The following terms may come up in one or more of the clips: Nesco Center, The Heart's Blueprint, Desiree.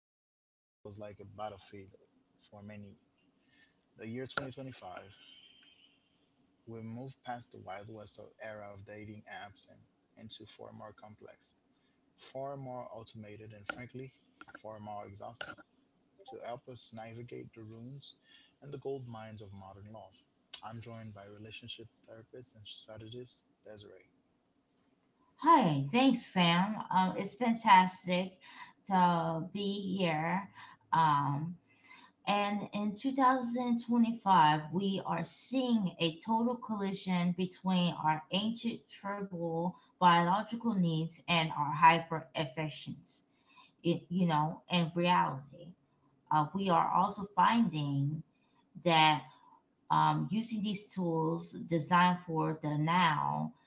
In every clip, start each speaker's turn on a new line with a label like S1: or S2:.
S1: journey in a place that feels like a battlefield for many. The year 2025, we move past the Wild West era of dating apps and into far more complex, far more automated, and frankly, far more exhausting to help us navigate the ruins and the gold mines of modern love. I'm joined by relationship therapist and strategist Desiree.
S2: Hi, thanks, Sam. It's fantastic to be here. Um, and in 2025, we are seeing a total collision between our ancient tribal biological needs and our hyper efficiency, you know, and reality. We are also finding that, using these tools designed for the now,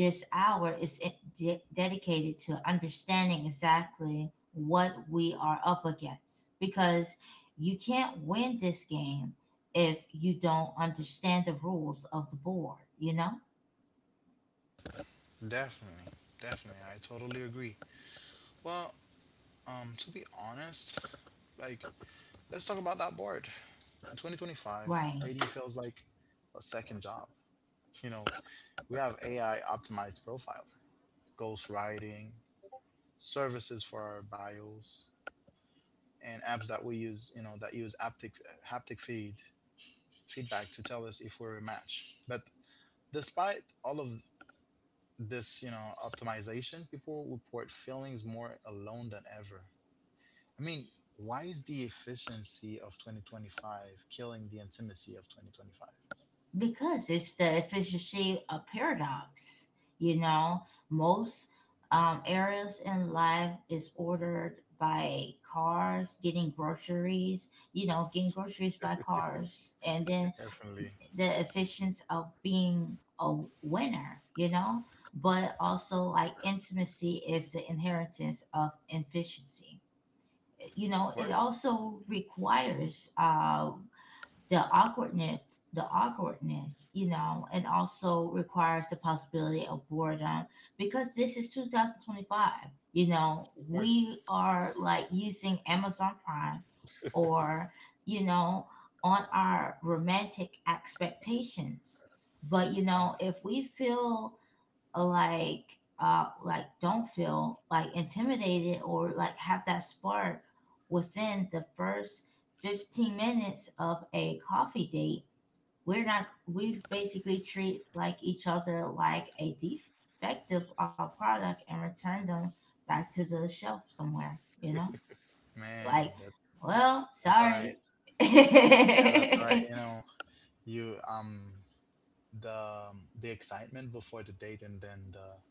S2: this hour is dedicated to understanding exactly what we are up against, because you can't win this game if you don't understand the rules of the board, you know?
S1: Definitely, definitely. I totally agree. Well, to be honest, like let's talk about that board. In 2025, dating
S2: Right.
S1: feels like a second job. You know, we have AI optimized profile, ghost writing, services for our bios, and apps that we use, that use haptic feedback to tell us if we're a match. But despite all of this, optimization, people report feelings more alone than ever. I mean, why is the efficiency of 2025 killing the intimacy of 2025?
S2: Because it's the efficiency of paradox, you know? Most areas in life is ordered by cars, getting groceries, you know, getting groceries by cars, and then
S1: Definitely.
S2: the efficiency of being a winner, you know, but also like intimacy is the inheritance of efficiency. You
S1: Of
S2: know, it
S1: course.
S2: also requires the awkwardness, you know, and also requires the possibility of boredom, because this is 2025. You know,
S1: Of course.
S2: we are like using Amazon Prime or, you know, on our romantic expectations. But you know,
S1: Awesome.
S2: if we feel like don't feel like intimidated or like have that spark within the first 15 minutes of a coffee date, we're not we basically treat like each other like a defective product and return them back to the shelf somewhere, you know. Like,
S1: Man, that's
S2: well,
S1: that's all
S2: sorry.
S1: right. Yeah, that's all right. You know, you the excitement before the date and then the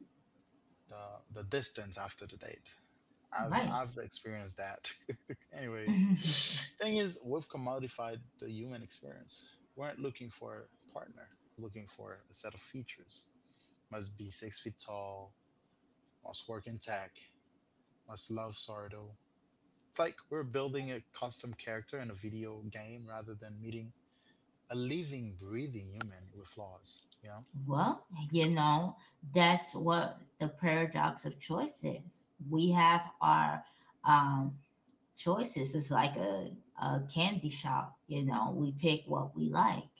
S1: the the distance after the date. I've
S2: Right.
S1: I've experienced that. Anyways, thing is, we've commodified the human experience. We aren't looking for a partner. We're looking for a set of features. Must be 6 feet tall, must work in tech, must love Sardo. It's like we're building a custom character in a video game rather than meeting a living, breathing human with flaws, you know?
S2: Well, you know, that's what the paradox of choice is. We have our um, choices is like a candy shop. You know, we pick what we like.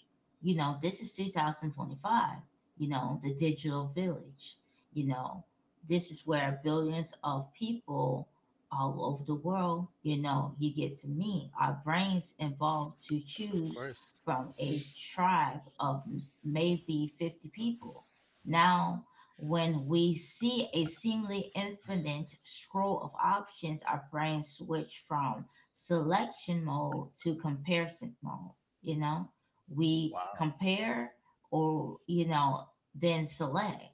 S2: You know, this is 2025. You know, the digital village, you know, this is where billions of people all over the world, you know, you get to meet our brains involved to
S1: Of
S2: choose
S1: course.
S2: from a tribe of maybe 50 people. Now, when we see a seemingly infinite scroll of options, our brains switch from selection mode to comparison mode. You know, we
S1: Wow.
S2: compare or, you know, then select.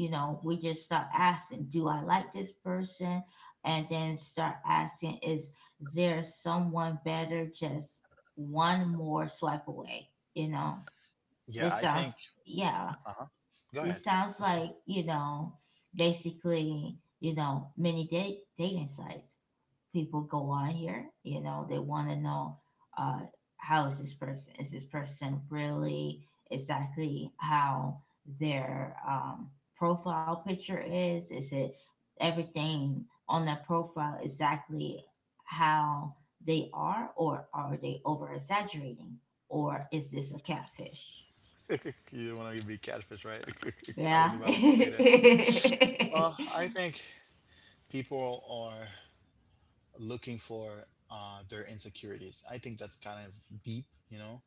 S2: You know, we just start asking, do I like this person? And then start asking, is there someone better just one more swipe away? You know,
S1: Yeah,
S2: this
S1: I think.
S2: sounds, yeah,
S1: Uh huh. Go
S2: it
S1: ahead.
S2: sounds like, you know, basically, you know, many dating sites. People go on here, you know, they want to know uh, how is this person? Is this person really exactly how their profile picture is? Is it everything on that profile exactly how they are, or are they over exaggerating? Or is this a catfish?
S1: You don't want to be catfish, right? I was
S2: Yeah.
S1: about to say that. Well, I think people are looking for their insecurities. I think that's kind of deep, you know.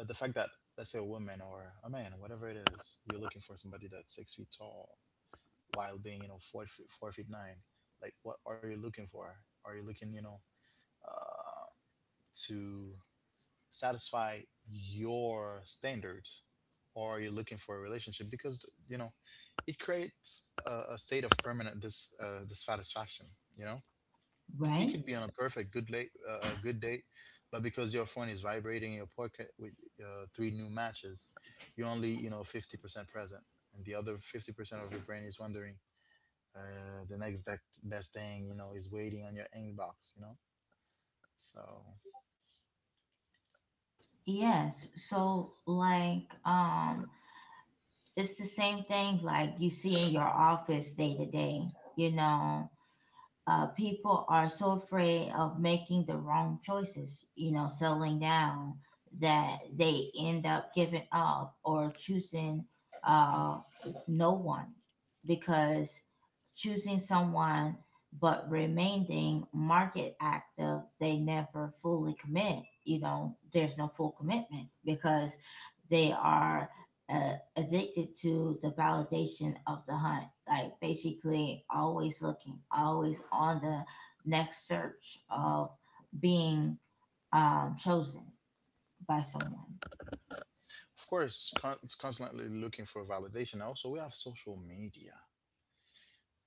S1: But the fact that let's say a woman or a man, whatever it is, you're looking for somebody that's 6 feet tall while being 4 feet, 4 feet nine. Like, what are you looking for? Are you looking uh, to satisfy your standards, or are you looking for a relationship? Because you know, it creates a state of permanent dissatisfaction. You know, you
S2: Right?
S1: could be on a good date, but because your phone is vibrating in your pocket with three new matches, you're only 50% present, and the other 50% of your brain is wondering. The next best thing you know is waiting on your inbox. You know, so of
S2: Yes. So like, it's the same thing like you see in your office day to day, you know. People are so afraid of making the wrong choices, you know, settling down, that they end up giving up or choosing uh, no one, because choosing someone but remaining market active, they never fully commit. You know, there's no full commitment because they are. uh Addicted to the validation of the hunt, like basically always looking, always on the next search of being chosen by someone.
S1: it's constantly looking for validation. Also, we have social media.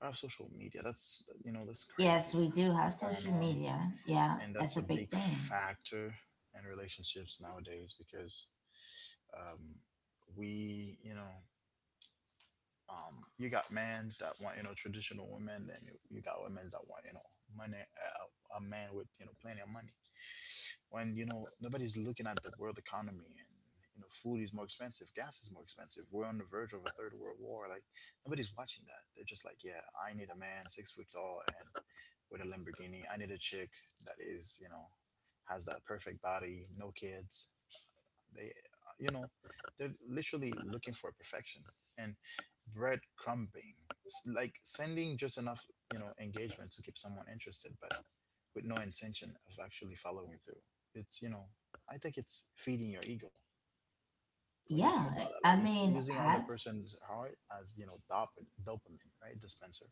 S1: We have social media. That's you know that's
S2: Yes, we
S1: crazy.
S2: do have
S1: What's
S2: social
S1: going on,
S2: media, yeah,
S1: and
S2: that's a
S1: that's a
S2: big
S1: big
S2: thing.
S1: factor in relationships nowadays because Um, we, you know, you got mans that want, you know, traditional women. Then you got women that want, you know, money, a man with, you know, plenty of money. When, you know, nobody's looking at the world economy and, you know, food is more expensive, gas is more expensive. We're on the verge of a third world war. Like, nobody's watching that. They're just like, yeah, I need a man 6 foot tall and with a Lamborghini. I need a chick that is, you know, has that perfect body, no kids, they, you know, they're literally looking for perfection and breadcrumbing, like sending just enough, you know, engagement to keep someone interested, but with no intention of actually following through. It's, you know, I think it's feeding your ego. What do you think
S2: Yeah,
S1: about that?
S2: i
S1: Like it's
S2: mean
S1: using other
S2: i've
S1: person's heart as, you know, dopamine, dopamine, right? Dispenser.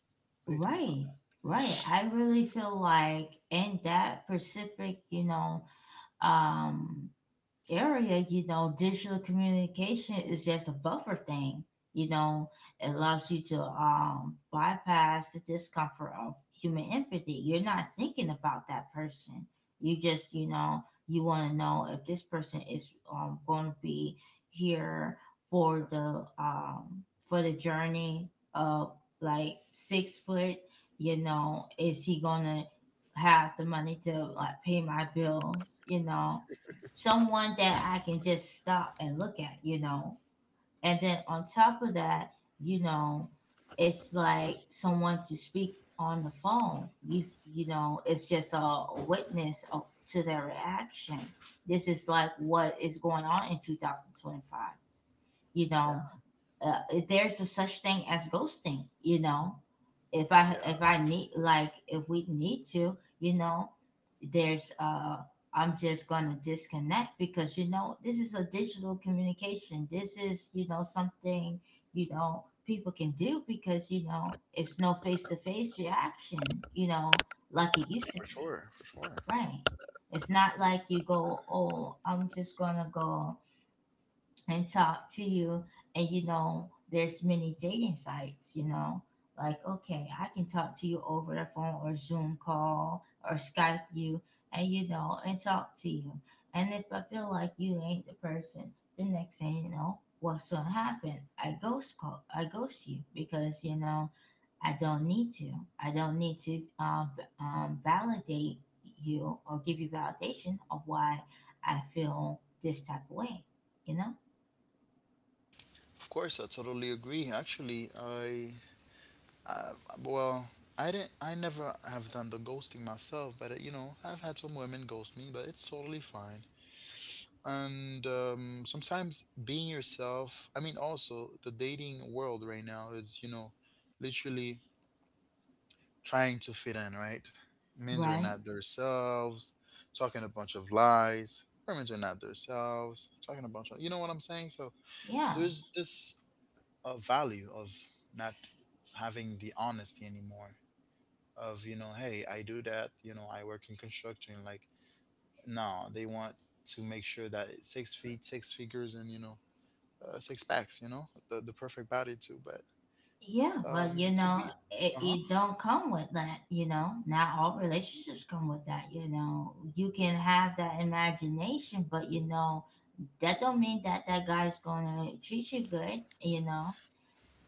S1: What do you think about
S2: right,
S1: that?
S2: right, I really feel like in that specific, you know, um area, you know, digital communication is just a buffer thing. You know, it allows you to bypass the discomfort of human empathy. You're not thinking about that person. You just, you know, you want to know if this person is going to be here for the um, for the journey of like 6 foot. You know, is he gonna have the money to like pay my bills? You know, someone that I can just stop and look at, you know. And then on top of that, you know, it's like someone to speak on the phone. You know, it's just a witness of, to their reaction. This is like what is going on in 2025, you
S1: Yeah,
S2: know. If there's a such thing as ghosting, you know, if i if
S1: yeah,
S2: i need, like, if we need to, you know, there's I'm just gonna disconnect, because, you know, this is a digital communication, this is, you know, something, you know, people can do, because, you know, it's no face-to-face reaction, you know, like it used to
S1: for
S2: be.
S1: sure, for sure.
S2: Right. It's not like you go, oh, I'm just gonna go and talk to you, and you know, there's many dating sites, you know, like, okay, I can talk to you over the phone or Zoom call or Skype you, and you know, and talk to you. And if I feel like you ain't the person, the next thing you know what's gonna happen, I ghost call, I ghost you, because, you know, I don't need to. I don't need to validate you or give you validation of why I feel this type of way. You know.
S1: Of course, I totally agree. Actually, I Uh, well, I didn't. I never have done the ghosting myself, but you know, I've had some women ghost me, but it's totally fine. And sometimes being yourself. I mean, also the dating world right now is you know, literally trying to fit in. Right, men are
S2: Right.
S1: not themselves, talking a bunch of lies. Women are not themselves, talking a bunch of. You know what I'm saying? So
S2: Yeah.
S1: there's this value of not having the honesty anymore of you know hey I do that you know I work in construction like no they want to make sure that it's 6 feet six figures and you know six packs you know the perfect body too but
S2: Yeah. But you
S1: to
S2: know,
S1: be
S2: it,
S1: uh-huh
S2: it don't come with that, you know. Not all relationships come with that, you know. You can have that imagination, but you know, that don't mean that that guy's gonna treat you good, you know.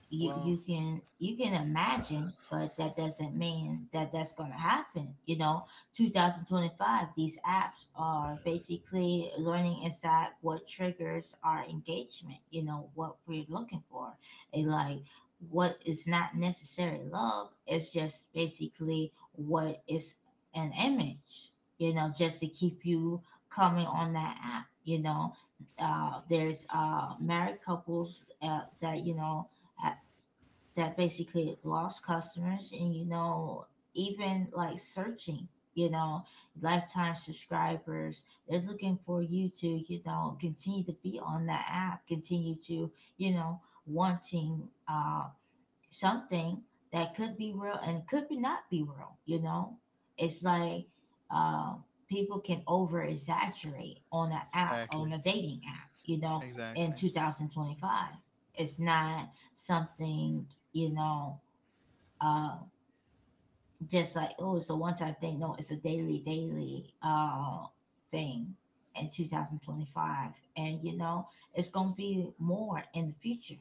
S2: you
S1: well
S2: you can you can imagine, but that doesn't mean that that's going to happen, you know. 2025, these apps are basically learning inside what triggers our engagement, you know, what we're looking for, and like, what is not necessary love, it's just basically what is an image, you know, just to keep you coming on that app, you know. There's Married couples, that, you know, that basically lost customers, and you know, even like searching, you know, lifetime subscribers, they're looking for you to, you know, continue to be on that app, continue to, you know, wanting something that could be real and could be not be real, you know. It's like, uh, people can over exaggerate on an app,
S1: exactly
S2: on a dating app, you know. In
S1: exactly
S2: 2025, it's not something, you know, uh, just like, oh, it's a one-time thing. No, it's a daily thing in 2025, and you know, it's gonna be more in the future.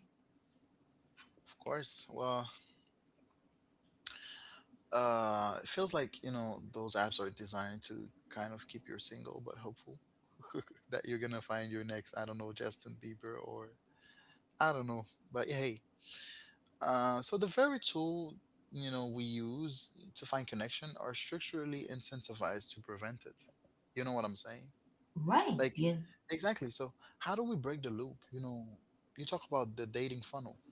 S1: of course well it feels like you know those apps are designed to kind of keep you single but hopeful that you're gonna find your next I don't know justin bieber or I don't know but hey so the very tool you know we use to find connection are structurally incentivized to prevent it. You know what I'm saying?
S2: right
S1: Like
S2: you
S1: exactly. So how do we break the loop? You know, you talk about the dating funnel.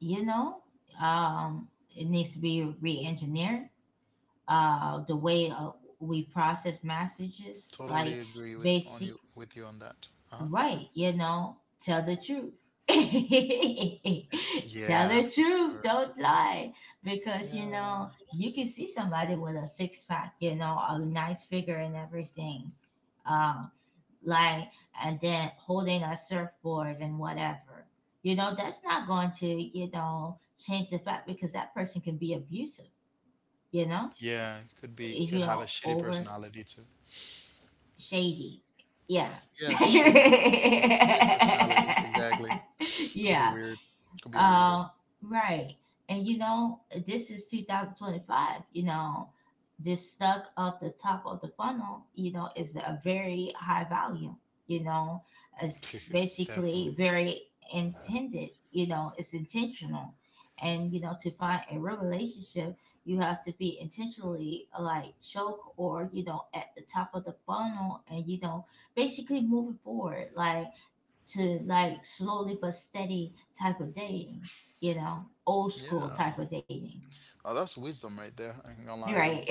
S2: you know, um it needs to be re-engineered, the way we process messages, like
S1: Totally agree with on
S2: basic.
S1: you with you on that. Uh-huh.
S2: Right, you know, tell the truth. Tell
S1: Yeah,
S2: the
S1: for
S2: truth,
S1: sure.
S2: don't lie, because you
S1: Yeah.
S2: know, you can see somebody with a six-pack, you know, a nice figure and everything. Um, like, and then holding a surfboard and whatever. You know, that's not going to, you know, change the fact, because that person can be abusive, you know.
S1: Yeah, could
S2: Eh,
S1: be could
S2: you
S1: have a
S2: know,
S1: shitty
S2: over
S1: personality too.
S2: shady. Yeah.
S1: Yeah, shitty. Shitty shitty personality, exactly. Could be
S2: Yeah.
S1: weird. Could be a weirdo.
S2: Uh, right. And you know, this is 2025. You know, this stuck up the top of the funnel, you know, is a very high value. You know, it's
S1: Definitely.
S2: basically very intended, you know, it's intentional. And, you know, to find a real relationship, you have to be intentionally like choke, or, you know, at the top of the funnel, and, you know, basically moving forward. Like, to like slowly but steady type of dating, you know, old school
S1: Yeah.
S2: type of dating,
S1: Oh, that's wisdom right there. I ain't gonna lie to you.
S2: right?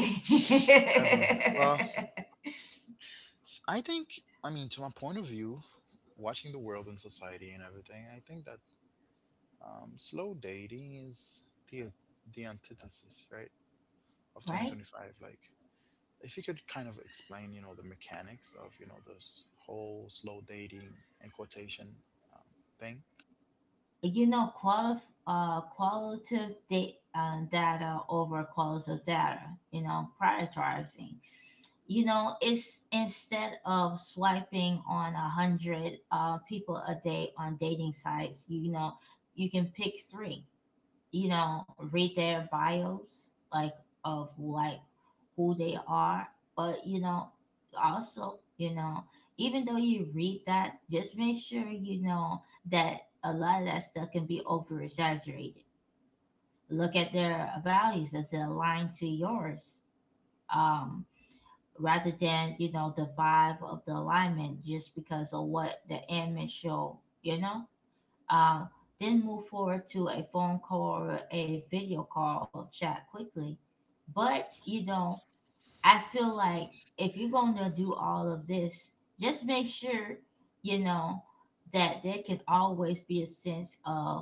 S1: Definitely. Well, I think, I mean, to my point of view, watching the world and society and everything, I think that slow dating is the the antithesis, right, of
S2: Right?
S1: 2025. Like, if you could kind of explain, you know, the mechanics of, you know, this whole slow dating and quotation um, thing.
S2: You know, qualitative data, data over qualitative data, you know, prioritizing. You know, it's instead of swiping on 100 people a day on dating sites, you know, you can pick three, you know, read their bios, like, of like who they are. But you know, also, you know, even though you read that, just make sure, you know, that a lot of that stuff can be over exaggerated. Look at their values, does it align to yours, um rather than, you know, the vibe of the alignment just because of what the image show, you know. uh, then move forward to a phone call or a video call chat quickly. But, you know, I feel like if you're going to do all of this, just make sure, you know, that there can always be a sense of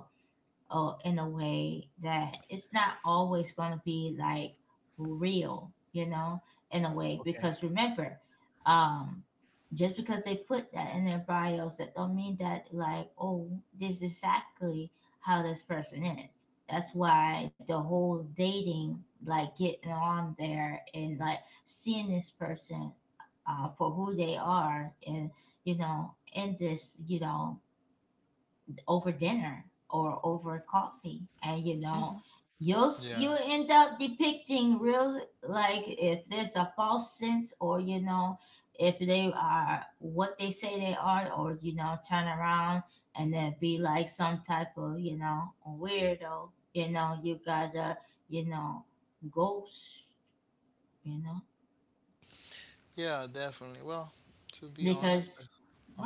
S2: in a way that it's not always going to be like real, you know, in a way.
S1: Okay.
S2: Because remember, um, just because they put that in their bios, that don't mean that like, oh, this is exactly how this person is. That's why the whole dating, like getting on there and like seeing this person for who they are, and you know, in this, you know, over dinner or over coffee and
S1: Yeah.
S2: you end up depicting real, like if there's a false sense, or you know if they are what they say they are, or you know turn around and then be like some type of you know weirdo. You know, you gotta, you know, ghost, you know.
S1: Yeah, definitely. Well, to be honest,
S2: Because,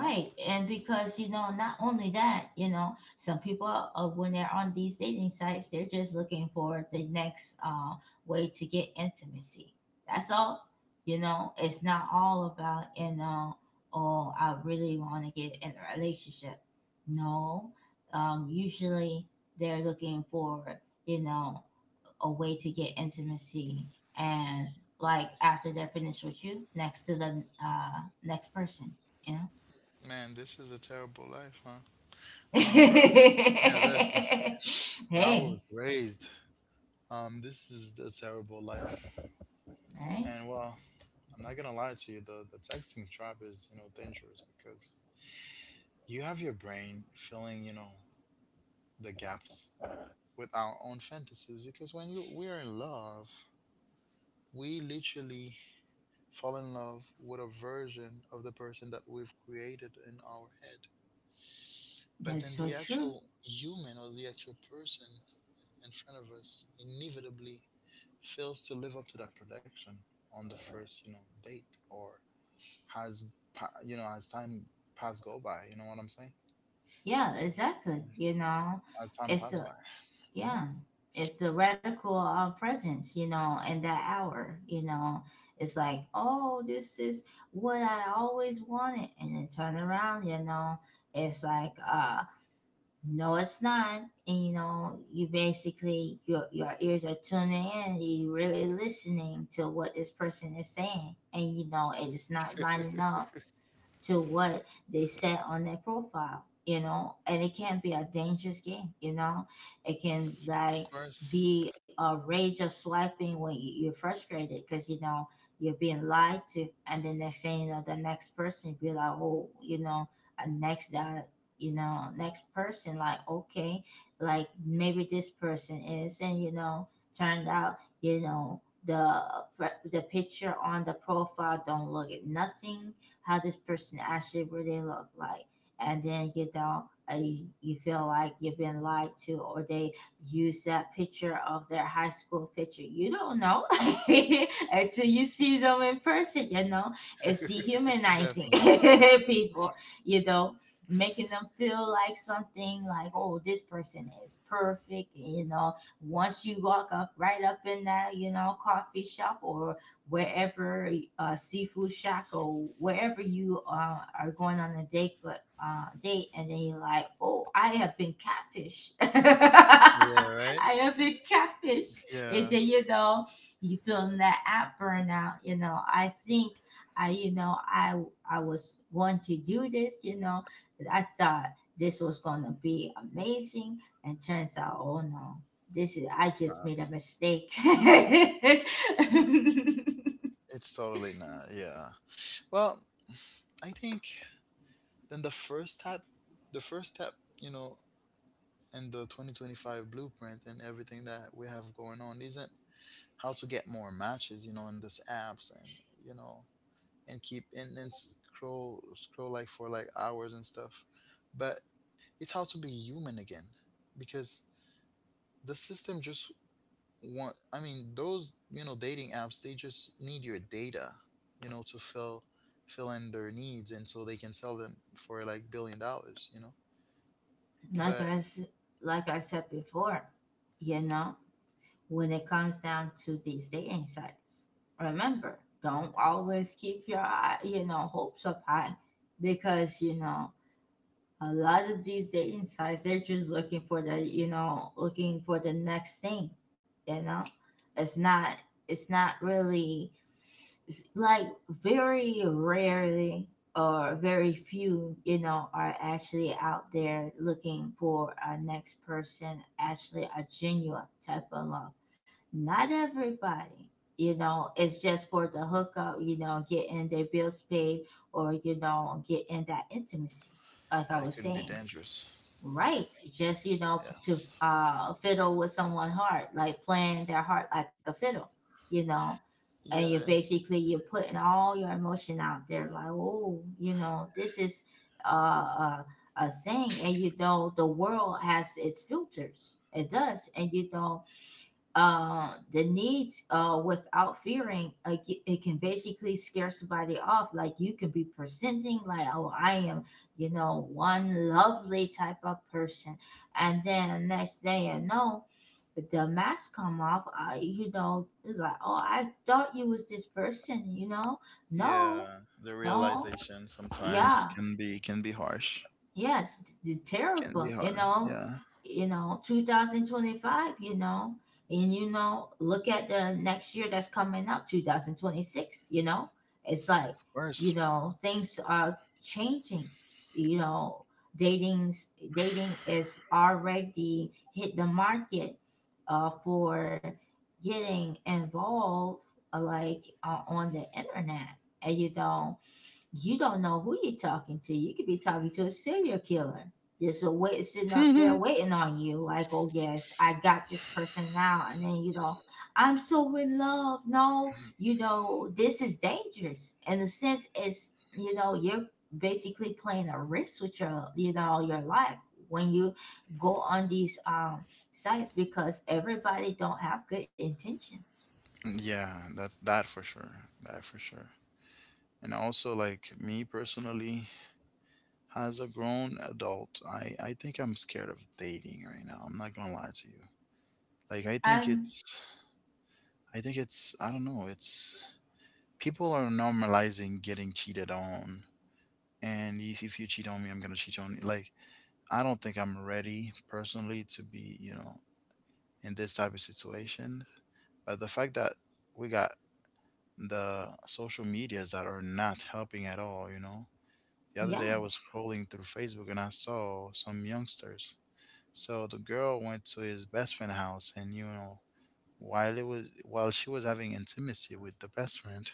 S1: uh huh.
S2: and because you know, not only that, you know, some people, when they're on these dating sites they're just looking for the next way to get intimacy. That's all. You know, it's not all about, you know, oh, I really want to get in a relationship. No. Usually they're looking for, you know, a way to get intimacy, and like after they're finished with you, next to the next person, you know.
S1: Man, this is a terrible life, huh? I mean, where I was, yeah, definitely. Where I
S2: Hey.
S1: was raised, this is a terrible life.
S2: Right.
S1: And well, I'm not gonna lie to you, the texting trap is, you know, dangerous because you have your brain filling, you know, the gaps with our own fantasies. Because when you we're in love, we literally fall in love with a version of the person that we've created in our head. But
S2: That's
S1: then
S2: so
S1: the
S2: true.
S1: actual human or the actual person in front of us inevitably fails to live up to that prediction on the first, you know, date or has, you know, as time pass go by, you know what I'm saying?
S2: Yeah, exactly,
S1: Um,
S2: you know.
S1: As time pass
S2: It's
S1: by.
S2: a,
S1: Hmm.
S2: yeah, it's the radical presence, you know, in that hour, you know. It's like, oh, this is what I always wanted, and then turn around, you know. It's like, uh, no, it's not. And you know, you basically, your ears are tuning in. You're really listening to what this person is saying, and you know it is not lining up to what they set on their profile, you know, and it can be a dangerous game, you know. It can
S1: Of
S2: like
S1: course.
S2: be a rage of swiping when you're frustrated because you know you're being lied to, and the next thing you know, the next person be like, oh, you know, a next that. You know, next person, like, okay, like maybe this person is, and you know, turned out, you know, the picture on the profile don't look at nothing how this person actually really look like. And then you know, you feel like you've been lied to, or they use that picture of their high school picture, you don't know. Until you see them in person, you know, it's dehumanizing.
S1: Definitely.
S2: People, you know, making them feel like something, like, oh, this person is perfect. You know, once you walk up right up in that, you know, coffee shop, or wherever, seafood shack, or wherever you are going on a date, and then you're like, oh, I have been catfished.
S1: Yeah,
S2: I
S1: right?
S2: have been catfished. And
S1: Yeah.
S2: then you know, you feeling that app burnout. You know, I think I you know I was going to do this, you know. I thought this was gonna be amazing, and turns out, oh no, this is, I
S1: It's
S2: just made a
S1: not.
S2: mistake. Like
S1: It's totally not. Yeah. Well, I think then the first step, you know, in the 2025 blueprint and everything that we have going on isn't how to get more matches, you know, in this apps and you know, and keep and then scroll like for like hours and stuff. But it's how to be human again because the system just want I mean, those, you know, dating apps, they just need your data, you know, to fill in their needs and so they can sell them for like billion dollars, you know.
S2: I
S1: But
S2: s- like I said before, you know, when it comes down to these dating sites, remember, don't always keep your you know hopes up high, because you know a lot of these dating sites, they're just looking for the, you know, looking for the next thing, you know. It's not, it's not really, like very rarely, or very few, you know, are actually out there looking for a next person, actually a genuine type of love. Not everybody, you know, it's just for the hookup, you know, getting their bills paid, or, you know, getting that intimacy, like I
S1: that
S2: was
S1: could be
S2: saying.
S1: dangerous.
S2: Right. Just, you know, p- to
S1: Yes.
S2: uh, fiddle with someone's heart, like playing their heart like a fiddle, you know. And you're
S1: Yeah, and
S2: basically, you're putting all your emotion out there, like, oh, you know, this is a a, thing. And, you know, the world has its filters. It does. And, you know, the needs without fearing, it can basically scare somebody off. Like, you can be presenting, like, oh, I am, you know, one lovely type of person, and then next day, you know, the mask come off. I, you know, it's like, oh, I thought you was this person, you know. No.
S1: yeah, the
S2: No.
S1: realization sometimes
S2: Yeah.
S1: can be harsh.
S2: Yes, it's
S1: Can be
S2: terrible.
S1: hard. Yeah. Of
S2: You know, 2025. You know, and you know, look at the next year that's coming up, 2026. You know, it's like, you
S1: course.
S2: know, things are changing. You know, dating dating is already hit the market for getting involved, like on the internet, and you know you don't know who you're talking to. You could be talking to a serial killer. Just a wait sitting up there waiting on you, like, oh yes, I got this person now. And then you know, I'm so in love. No, you know, this is dangerous. In the sense is, you know, you're basically playing a risk with your, you know, your life when you go on these sites, because everybody don't have good intentions.
S1: Yeah, that's that for sure. That for sure. And also like me personally, as a grown adult, I think I'm scared of dating right now. I'm not gonna lie to you. Like
S2: Um
S1: I think it's I don't know, it's people are normalizing getting cheated on. And if you cheat on me, I'm gonna cheat on you. Like I don't think I'm ready personally to be, you know, in this type of situation. But the fact that we got the social medias that are not helping at all, you know. The other day I
S2: yeah,
S1: was scrolling through Facebook and I saw some youngsters. So the girl went to his best friend house and you know, while she was having intimacy with the best friend,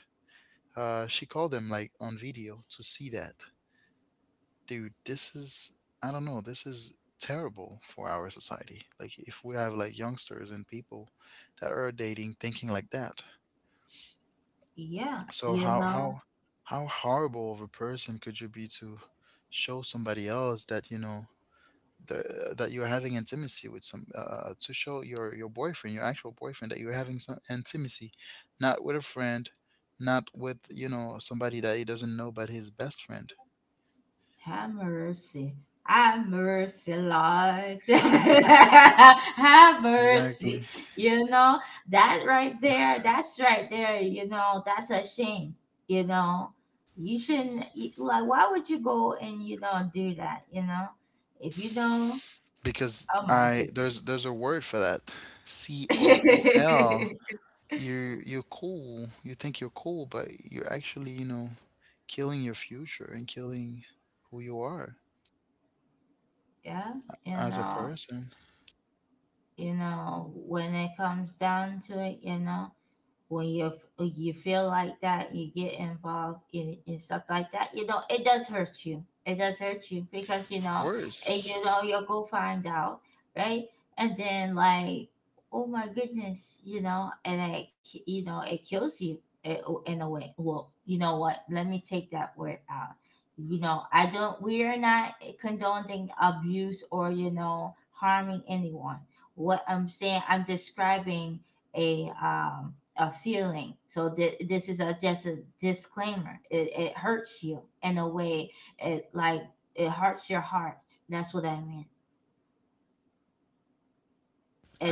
S1: she called them like on video to see that. Dude, this is I don't know, this is terrible for our society. Like if we have like youngsters and people that are dating thinking like that.
S2: yeah,
S1: So
S2: you
S1: how
S2: know.
S1: how how horrible of a person could you be to show somebody else that you know that you're having intimacy with some to show your boyfriend, your actual boyfriend, that you're having some intimacy, not with a friend, not with you know somebody that he doesn't know, but his best friend.
S2: Have mercy. Have mercy, Lord. Have mercy.
S1: Exactly.
S2: You know, that right there, that's right there, you know, that's a shame. You know, you shouldn't, you, like, why would you go and, you know, do that, you know? If you know,
S1: Because
S2: oh my
S1: I
S2: goodness.
S1: there's a word for that. cool. You're cool. You think you're cool, but you're actually, you know, killing your future and killing who you are
S2: Yeah, you
S1: as a
S2: know,
S1: person.
S2: you know, when it comes down to it, you know, when you feel like that, you get involved in stuff like that. You know, it does hurt you. It does hurt you, because you
S1: Of
S2: know, and
S1: course.
S2: you know, you'll go find out, right? And then like, oh my goodness, you know, and it, you know, it kills you, oh, in a way. Well, you know what? Let me take that word out. You know, I don't. We are not condoning abuse or, you know, harming anyone. What I'm saying, I'm describing a feeling. So this is a just a disclaimer. It hurts you in a way. It, like, it hurts your heart. That's what I mean.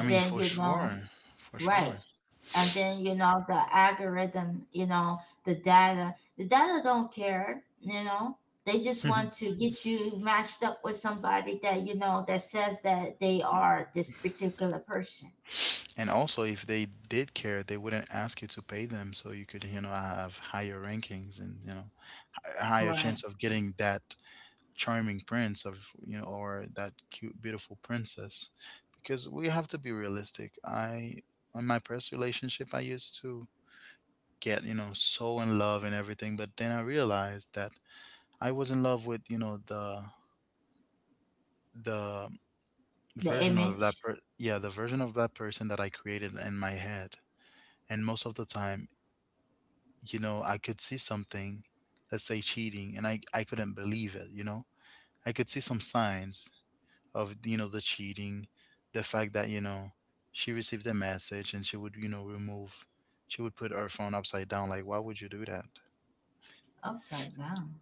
S1: I mean, for
S2: then you know,
S1: sure. For sure.
S2: right. And then you know the algorithm. You know the data. The data don't care. You know, they just
S1: And
S2: want to get you matched up with somebody that, you know, that says that they are this particular person.
S1: also, if they did care, they wouldn't ask you to pay them so you could, you know, have higher rankings and, you know, a higher
S2: Right.
S1: chance of getting that charming prince of, you know, or that cute, beautiful princess. Because we have to be realistic. I, in my past relationship, I used to get, you know, so in love and everything. But then I realized that I was in love with, you know, the
S2: The
S1: version of that
S2: image
S1: the version of that person that I created in my head. And most of the time, you know, I could see something, let's say, cheating, and I couldn't believe it, you know? I could see some signs of, you know, the cheating, the fact that, you know, she received a message and she would, you know, remove she would put her phone upside down. Like, why would you do that?
S2: upside down.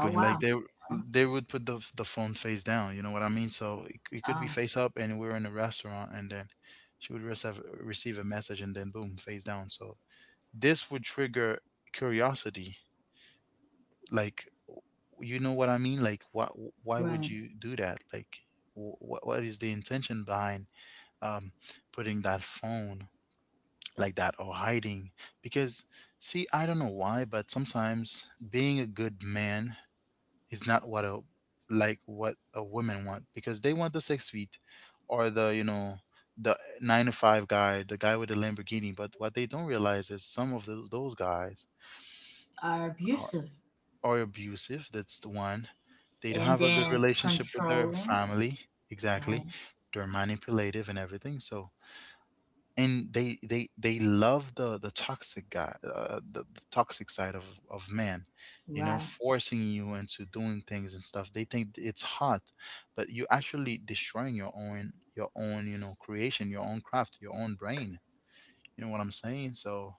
S2: Oh
S1: Like
S2: wow.
S1: they would put the phone face down. You know what I mean? So it could be
S2: uh,
S1: face up, and we're in a restaurant, and then she would receive a message, and then boom, face down. So this would trigger curiosity. Like, you know what I mean? Like, why would
S2: right.
S1: you do that? Like, what is the intention behind um putting that phone like that or hiding? Because, see, I don't know why, but sometimes being a good man is not what a woman want, because they want the 6 feet, or the, you know, the nine to five guy, the guy with the Lamborghini. But what they don't realize is some of those guys
S2: Are
S1: are,
S2: abusive,
S1: abusive. That's the one. They don't
S2: and
S1: have a good
S2: then
S1: relationship with their
S2: controlling.
S1: family. Exactly.
S2: Right.
S1: They're manipulative and everything. So, and they love the toxic guy, the toxic side of man. You know,
S2: Right.
S1: forcing you into doing things and stuff, they think it's hot, but you actually destroying your own, you know, creation, your own craft, your own brain. You know what I'm saying? So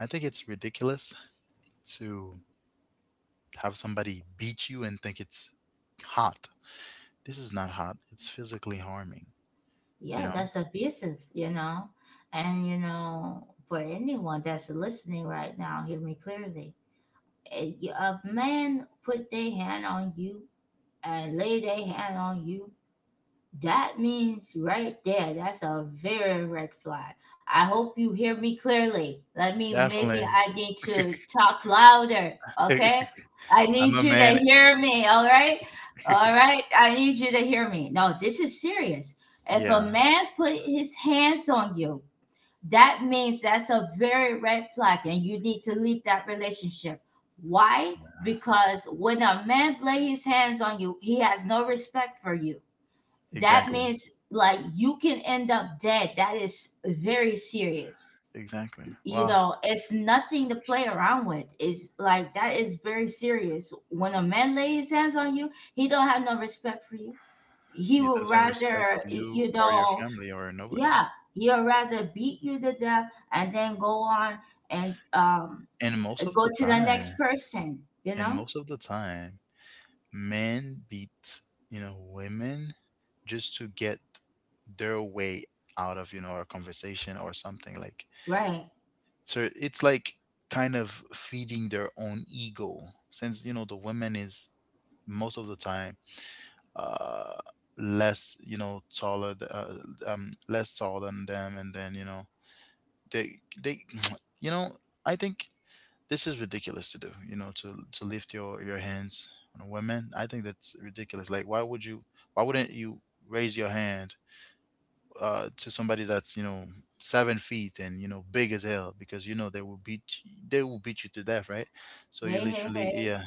S1: I think it's ridiculous to have somebody beat you and think it's hot. This is not hot, it's physically harming, you
S2: Yeah,
S1: know.
S2: that's abusive, you know. And you know, for anyone that's listening right now, hear me clearly, a man put their hand on you and lay their hand on you. That means right there, that's a very red flag. I hope you hear me clearly. Let me, maybe
S1: Definitely.
S2: I need to talk louder, okay? I
S1: I'm
S2: need
S1: a
S2: you to
S1: man.
S2: hear me, all right? All right, I need you to hear me. No, this is serious. If a
S1: Yeah.
S2: man put his hands on you, that means that's a very red flag and you need to leave that relationship. Why? Because when a man lay his hands on you, he has no respect for you. That
S1: Exactly.
S2: means like you can end up dead. That is very serious.
S1: Exactly.
S2: You
S1: Wow.
S2: know, it's nothing to play around with. It's like, that is very serious. When a man lays his hands on you, he don't have no respect for you. He
S1: He
S2: would
S1: doesn't respect
S2: rather,
S1: you
S2: you
S1: or your
S2: know,
S1: family or nobody.
S2: yeah, he'll rather beat you to death and then go on and
S1: And most of
S2: go
S1: the
S2: to the
S1: time,
S2: next person. You
S1: and
S2: know,
S1: most of the time, men beat, you know, women just to get their way out of, you know, a conversation or something. Like,
S2: right?
S1: so it's like kind of feeding their own ego, since, you know, the woman is most of the time, uh less, you know, less tall than them. And then, you know, they you know I think this is ridiculous to do, you know, to lift your hands on a woman. I think that's ridiculous. Like, why wouldn't you raise your hand, to somebody that's, you know, 7 feet and, you know, big as hell, because, you know, they will beat you to death, right? So you
S2: Hey, hey,
S1: literally.
S2: hey.
S1: Yeah.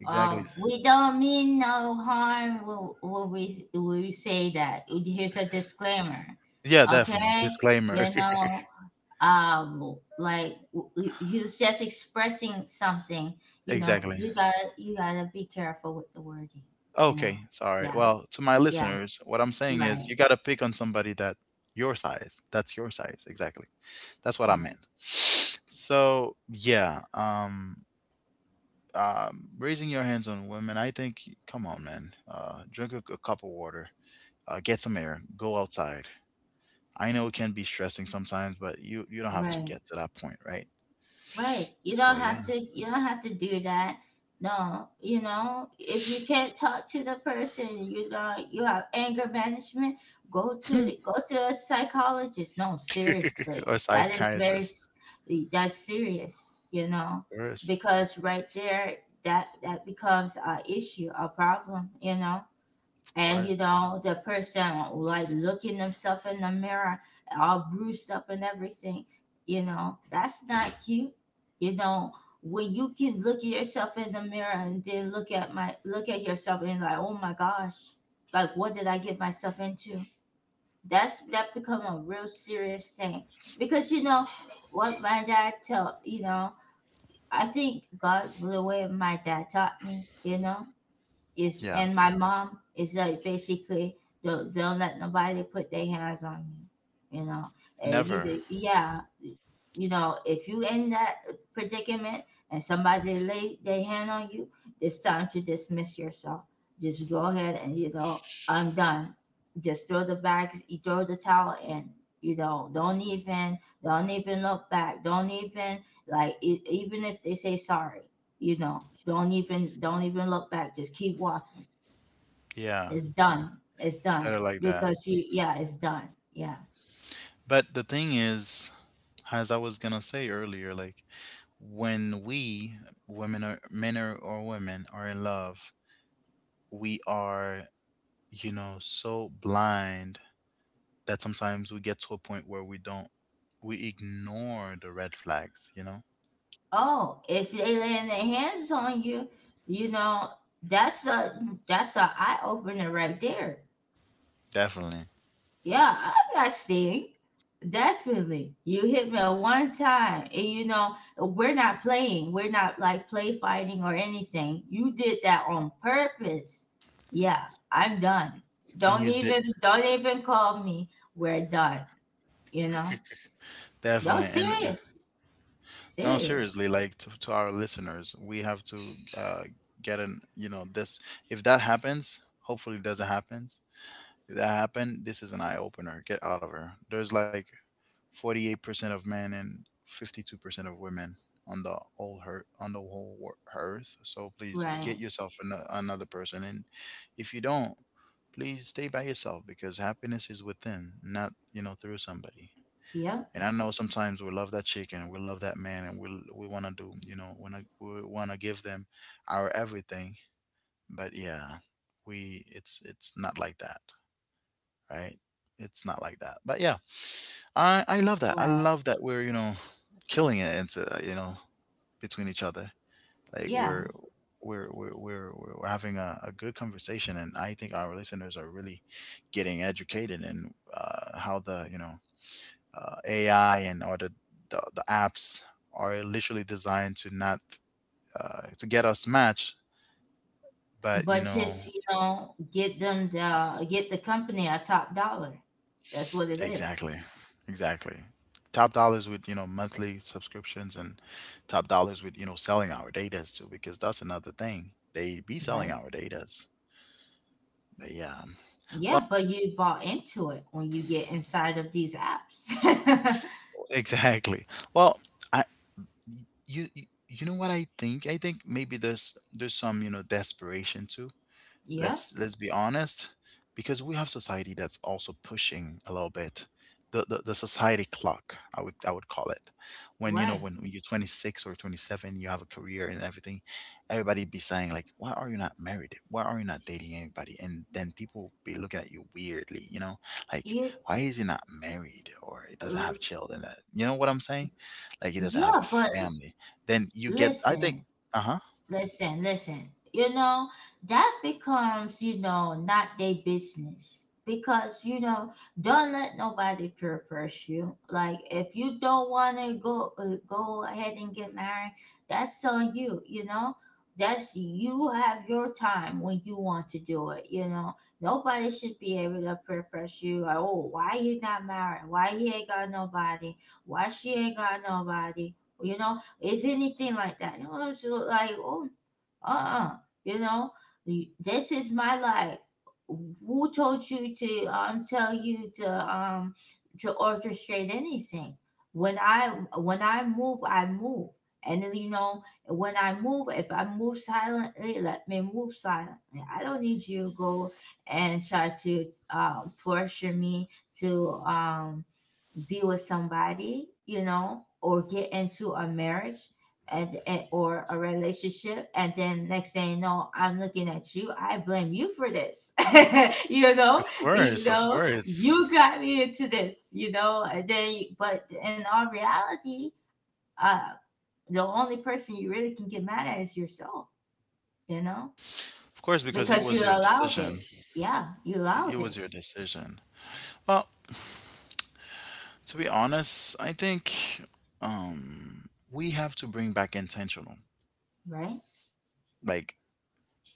S1: Exactly.
S2: We don't mean no harm when we say that. Here's a disclaimer,
S1: Yeah, definitely
S2: okay?
S1: disclaimer.
S2: You know, like, he was just expressing something. You know,
S1: Exactly.
S2: you gotta be careful with the wording. You know,
S1: Okay, sorry.
S2: yeah,
S1: Well, to my
S2: yeah,
S1: listeners, what I'm saying is, you
S2: right,
S1: gotta pick on somebody that your size, that's your size. Exactly. That's what I
S2: right,
S1: meant. So yeah, raising your hands on women, I think. Come on, man. Drink a cup of water. Get some air. Go outside. I know it can be stressing sometimes, but you don't have to
S2: right.
S1: get to that point, right?
S2: Right. You don't
S1: So yeah.
S2: have to, you don't have to do that. No, you know, if you can't talk to the person, you know, you have anger management, go to a psychologist. No, seriously.
S1: Or
S2: That is very
S1: psychiatrist,
S2: that's serious, you know,
S1: of course.
S2: because right there, that becomes a issue, a problem, you know.
S1: Of
S2: And you
S1: course.
S2: know, the person like looking himself in the mirror, all bruised up and everything, you know, that's not cute. You know, when you can look at yourself in the mirror, and then look at yourself, and like, oh my gosh, like what did I get myself into? That's that become a real serious thing. Because you know what my dad tell, you know, I think god the way my dad taught me, you know, is,
S1: Yeah,
S2: and my mom, is like basically, don't let nobody put their hands on you. You know, and you
S1: never.
S2: did, yeah. You know, if you in that predicament and somebody lay their hand on you, it's time to dismiss yourself. Just go ahead and you know, I'm done. Just throw the bags, you throw the towel in. You know, don't even look back. Don't even, like, even if they say sorry, you know, don't even look back, just keep walking.
S1: Yeah,
S2: It's done. It's
S1: it's better
S2: done,
S1: like that.
S2: because you, yeah, it's done. Yeah.
S1: But the thing is, as I was gonna say earlier, like, when we women are men are, or women are in love, we are, you know, so blind that sometimes we get to a point where we don't we ignore the red flags, you know.
S2: Oh, if they laying their hands on you, you know, that's a, that's a eye-opener right there.
S1: Definitely.
S2: Yeah, I'm not saying. Definitely. You hit me at one time. And you know, we're not playing. We're not like play fighting or anything. You did that on purpose. Yeah, I'm done.
S1: And you did.
S2: Don't even call me. We're done. You know? No,
S1: Definitely. And
S2: serious.
S1: no,
S2: Serious.
S1: seriously, like, to our listeners, we have to, uh get an, you know, this. If that happens, hopefully it doesn't happen. If that happened, this is an eye opener. Get out of her. There's like 48% of men and 52% of women on the whole earth, on the whole wor- earth. So please get
S2: Right.
S1: yourself another person. And if you don't, please stay by yourself, because happiness is within, not, you know, through somebody.
S2: Yep.
S1: And I know sometimes we love that chicken, we love that man, and we want to do, you know, wanna, we want to give them our everything. But yeah, we it's not like that, right? It's not like that. But yeah, I love that. I
S2: Right.
S1: love that we're, you know, killing it into, you know, between each other. Like
S2: Yeah.
S1: we're having a good conversation, and I think our listeners are really getting educated in, how the, AI and, or the apps are literally designed to not, to get us matched, but you
S2: But
S1: know.
S2: just, you know, get them the get the company a top dollar. That's what it is.
S1: Exactly. Exactly. Top dollars with, you know, monthly subscriptions, and top dollars with, you know, selling our datas too, because that's another thing. They be selling
S2: Right?
S1: our datas. But yeah.
S2: Yeah, but you bought into it when you get inside of these apps.
S1: Exactly. Well, I you you you know what I think? I think maybe there's some, you know, desperation too.
S2: Yeah,
S1: Let's be honest, because we have society that's also pushing a little bit. The society clock, I would call it. When, you know,
S2: right.
S1: when you're 26 or 27, you have a career and everything, everybody be saying like, "Why are you not married? Why are you not dating anybody?" And then people be looking at you weirdly, you know, like,
S2: It,
S1: "Why is he not married, or he doesn't have
S2: uh,
S1: children?" That, you know what I'm saying? Like, he doesn't
S2: yeah,
S1: have
S2: but
S1: a family. Then you get, I
S2: listen,
S1: think, uh huh.
S2: listen, listen. You know, that becomes, you know, not their business. Because, you know, don't let nobody peer pressure you. Like, if you don't want to go ahead and get married, that's on you, you know? That's you have your time when you want to do it, you know? Nobody should be able to peer pressure you. Like, oh, why he not married? Why he ain't got nobody? Why she ain't got nobody? You know, if anything like that. You know, I was just like, oh, uh-uh, you know, this is my life. Who told you to to orchestrate anything? When I when I move, I move, and then, you know, when I move, if I move silently, let me move silently. I don't need you to go and try to pressure me to be with somebody, you know, or get into a marriage and or a relationship, and then next thing you know, I'm looking at you. I blame you for this. you know,
S1: Of
S2: you
S1: course, of
S2: know, you
S1: course.
S2: got me into this. You know, and then but in all reality, uh, the only person you really can get mad at is yourself. You know,
S1: Of course, because it
S2: because
S1: was
S2: you
S1: your
S2: allowed
S1: decision.
S2: it. Yeah, you
S1: It
S2: allowed
S1: was your
S2: it.
S1: decision. Well, to be honest, I think, we have to bring back intentional.
S2: Right,
S1: Like,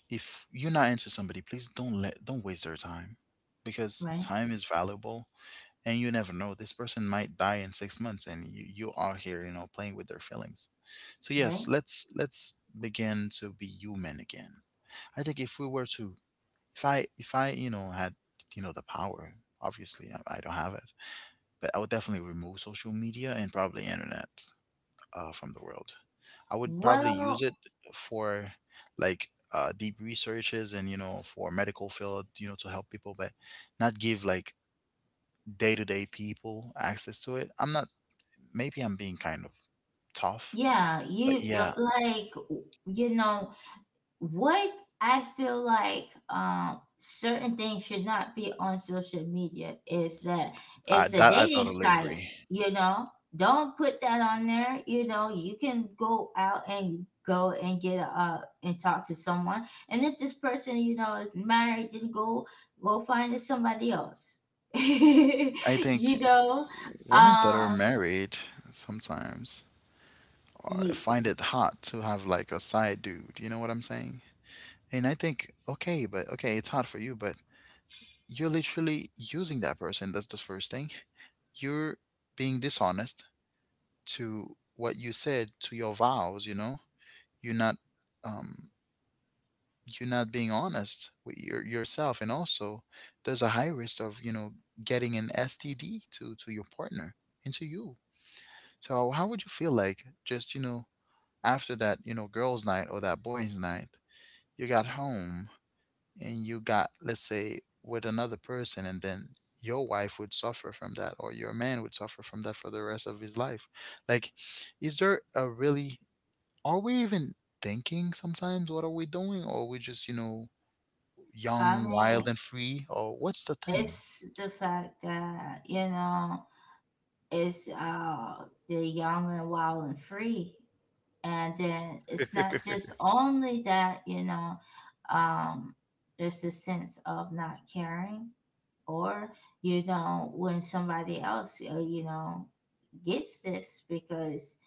S1: if you're not into somebody, please don't waste their time, because
S2: right,
S1: time is valuable, and you never know. This person might die in 6 months, and you are here, you know, playing with their feelings. So yes,
S2: right.
S1: let's begin to be human again. I think if we were to if I, you know, had, you know, the power, obviously I don't have it, but I would definitely remove social media and probably internet, from the world. I would probably use
S2: Well,
S1: it for like, deep researches, and, you know, for medical field, you know, to help people, but not give like day to day people access to it. I'm not. Maybe I'm being kind of tough,
S2: yeah,
S1: but
S2: you
S1: yeah,
S2: like you know what, I feel like certain things should not be on social media, is that it's the
S1: I
S2: dating
S1: totally
S2: site,
S1: agree.
S2: you know. Don't put that on there, you know. You can go out and go and talk to someone. And if this person, you know, is married, then go find somebody else.
S1: I
S2: you
S1: think
S2: know,
S1: women that are
S2: um
S1: married sometimes,
S2: you,
S1: find it hot to have like a side dude. You know what I'm saying? And I think, okay, but okay, it's hot for you, but you're literally using that person. That's the first thing. You're being dishonest to what you said to your vows. You know, you're not, um, you're not being honest with yourself, and also there's a high risk of, you know, getting an STD, to your partner and to you. So how would you feel, like, just, you know, after that, you know, girls' night or that boys' night? You got home and you got, let's say, with another person, and then your wife would suffer from that, or your man would suffer from that for the rest of his life. Like, is there a really, are we even thinking sometimes? What are we doing? Or are we just, you know,
S2: I
S1: young, wild,
S2: mean,
S1: and free? Or what's the thing?
S2: it's the fact that, you know, it's the young and wild and free. And then it's not just only that, you know, um there's a sense of not caring or, you know, when somebody else you know, gets this because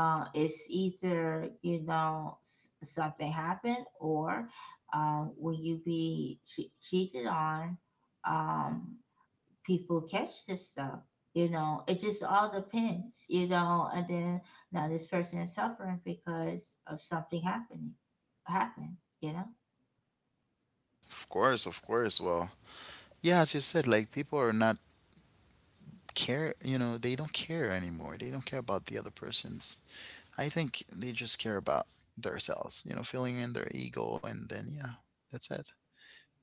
S2: it's either you know something happened or when you be cheated on, um people catch this stuff. You know, it just all depends, you know, and then now this person is suffering because of something happening happened, you know.
S1: Of course, of course. Well, yeah, as you said, like, people are not care, you know, they don't care anymore. They don't care about the other person's. I think they just care about themselves, you know, filling in their ego, and then yeah, that's it.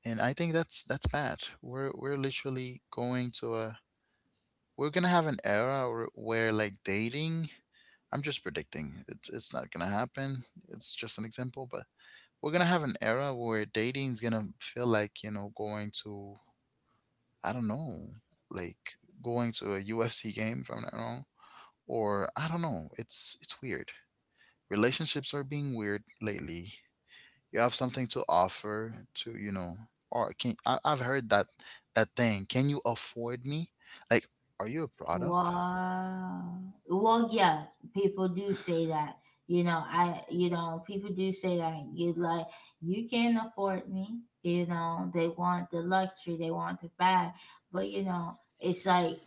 S1: And I think that's bad. We're literally going to a we're gonna have an era where, like, dating. I'm just predicting, it's not gonna happen. It's just an example, but we're gonna have an era where dating is gonna feel like, you know, going to, I don't know, like going to a UFC game, if I'm not wrong, or I don't know. It's weird. Relationships are being weird lately. You have something to offer to, you know, or can I, I've heard that thing, can you afford me? Like, are you a product?
S2: Wow. Well, yeah, people do say that. You know, I, you know, people do say that. You like, you can not afford me. You know, they want the luxury, they want the bag, but you know, it's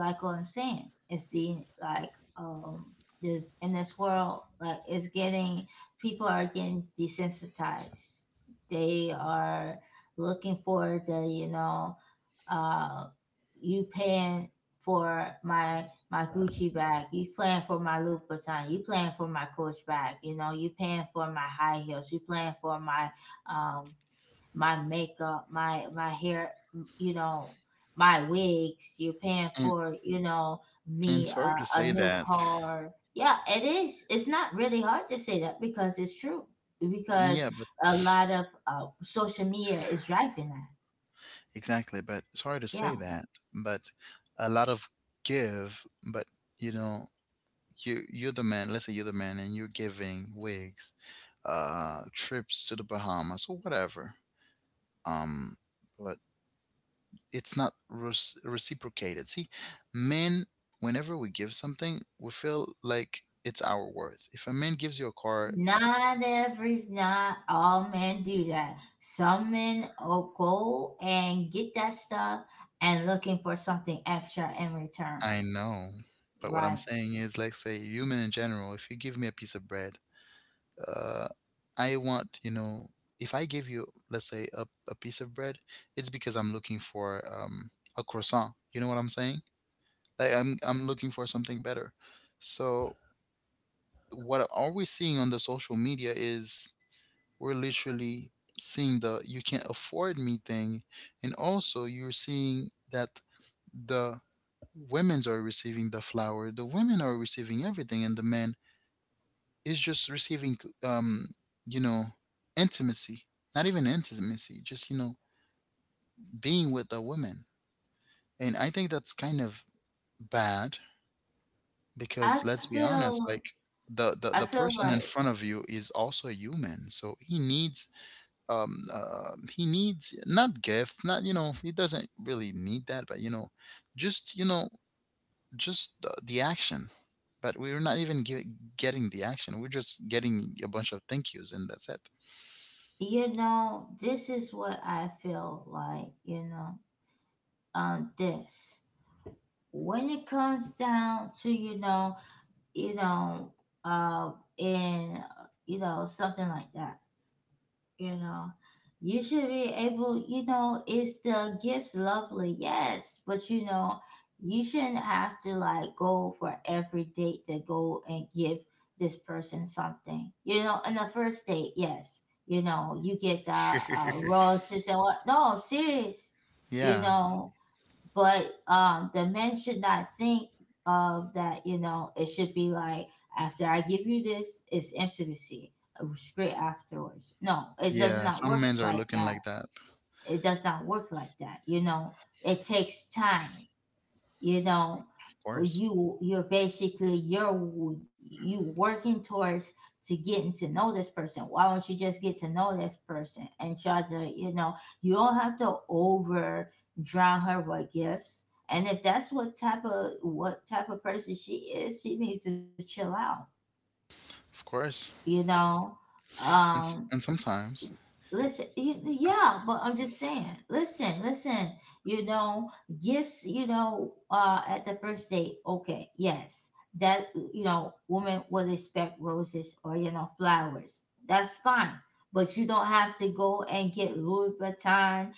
S2: like what I'm saying. It's the like, um, there's in this world, like it's getting, people are getting desensitized. They are looking for the, you know, uh, you paying for my Gucci bag, you paying for my Louis Vuitton? You paying for my Coach bag, you know, you paying for my high heels, you paying for my um my makeup, my hair, you know, my wigs, you paying
S1: and
S2: for, you know,
S1: and
S2: me
S1: sorry
S2: uh,
S1: to say
S2: a new
S1: that.
S2: car. Yeah, it is. It's not really hard to say that because it's true.
S1: Yeah,
S2: Because
S1: but
S2: a lot of social media is driving that.
S1: exactly, but sorry to say
S2: Yeah.
S1: that, but a lot of give, but, you know, you're the man, let's say you're the man, and you're giving wigs, trips to the Bahamas or whatever, um but it's not reciprocated. See, men, whenever we give something, we feel like it's our worth. If a man gives you a car,
S2: Not every, not all men do that. Some men will go and get that stuff and looking for something extra in return.
S1: I know. But what I'm
S2: Right.
S1: saying is, like, say, human in general, if you give me a piece of bread, uh, I want, you know, if I give you, let's say, a piece of bread, it's because I'm looking for a croissant. You know what I'm saying? Like, I'm looking for something better. So what are we seeing on the social media is we're literally seeing the "you can't afford me" thing, and also you're seeing that the women's are receiving the flower, the women are receiving everything, and the man is just receiving um you know intimacy, not even intimacy, just being with the women. And I think that's kind of bad. Because
S2: I
S1: let's be honest,
S2: feel,
S1: like, the,
S2: I
S1: the the
S2: feel
S1: person
S2: like,
S1: in front of you is also a human, so he needs not gifts, not, you know, he doesn't really need that, but just you know just the action. But we're not even getting the action. We're just getting a bunch of thank yous, and that's it.
S2: you know, this is what I feel like, you know, this. When it comes down to, you know, uh, in, you know, something like that, you know, you should be able, you know, it's the gifts, lovely, yes, but you know, you shouldn't have to like go for every date to go and give this person something, you know, in the first date, yes. You know, you get the roses and what, no I'm serious, you
S1: Yeah.
S2: know. But the men should not think of that, you know. It should be like, after I give you this, it's intimacy straight afterwards. No, it does
S1: Yeah,
S2: not
S1: some
S2: work
S1: men are
S2: like
S1: looking
S2: that.
S1: like that,
S2: It does not work like that, you know. It takes time, you know.
S1: of course.
S2: You, you're basically, you're you working towards to getting to know this person. Why don't you just get to know this person and try to, you know, you don't have to over drown her with gifts. And if that's what type of person she is, she needs to chill out,
S1: Of course.
S2: you know.
S1: And
S2: um
S1: s- and sometimes
S2: Listen, yeah, but I'm just saying. Listen, listen. You know, gifts. You know, at the first date, okay, yes, that, you know, women will expect roses or you know flowers. That's fine, but you don't have to go and get Louis Vuitton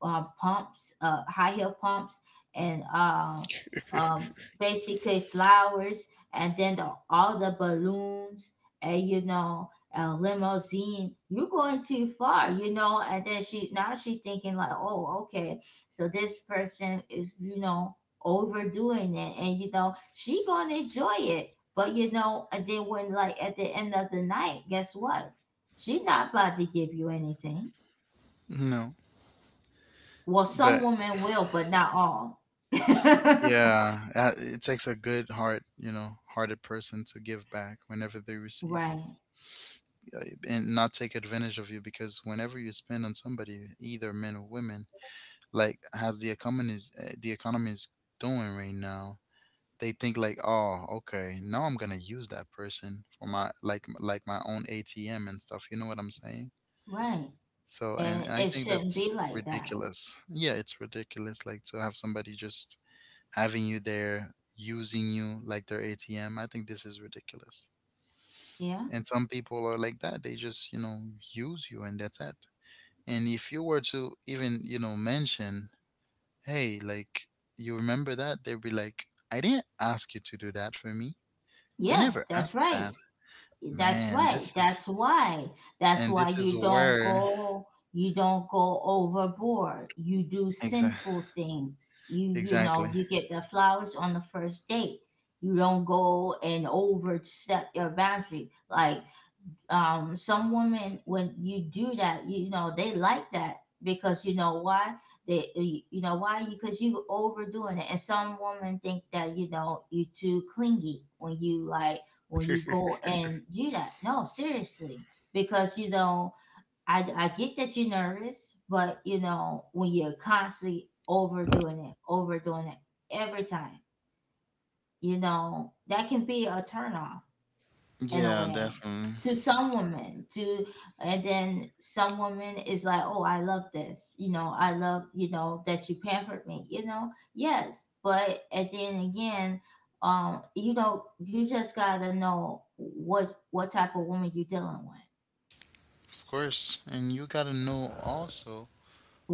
S2: pumps, high heel pumps, and um, basically flowers, and then the, all the balloons, and you know, a limousine. You're going too far, you know. And then she, now she's thinking like, oh, okay, so this person is you know overdoing it, and you know she gonna enjoy it. But you know, and then when like at the end of the night, guess what? She's not about to give you anything.
S1: no,
S2: Well, some
S1: but
S2: women will, but not all.
S1: yeah, it takes a good heart, you know, hearted person to give back whenever they
S2: right,
S1: receive, uh, and not take advantage of you, because whenever you spend on somebody, either men or women, like as the economy is doing right now, they think like, oh, okay, now I'm gonna use that person for my like my own ATM and stuff. You know what I'm saying?
S2: right.
S1: So, and
S2: And
S1: I
S2: it
S1: think
S2: shouldn't be
S1: that's
S2: like that.
S1: ridiculous. Yeah, it's ridiculous, like to have somebody just having you there, using you like their ATM. I think this is ridiculous.
S2: Yeah,
S1: And some people are like that. They just, you know, use you, and that's it. And if you were to even, you know, mention, hey, like, you remember that? They'd be like, I didn't ask you to do that for me. I
S2: yeah,
S1: never
S2: that's
S1: asked
S2: right.
S1: that.
S2: That's
S1: Man,
S2: right.
S1: this is,
S2: That's why. That's
S1: and
S2: why
S1: this is
S2: you don't
S1: where,
S2: go. You don't go overboard. You do
S1: exactly.
S2: simple things. You know,
S1: Exactly.
S2: you get the flowers on the first date. You don't go and overstep your boundary. Like some women when you do that, you know, they like that, because you know why? They you know why, you because you overdoing it, and some women think that you know you too clingy when you like when you go and do that. No, seriously, because you know, I get that you're nervous, but you know when you're constantly overdoing it, overdoing it every time, you know, that can be a turnoff in a
S1: Yeah,
S2: way
S1: definitely.
S2: to some women to and then some women is like, oh, I love this, you know, I love, you know, that you pampered me, you know. Yes, but at the end again, you know, you just gotta know what type of woman you dealing with,
S1: Of course. And you gotta know also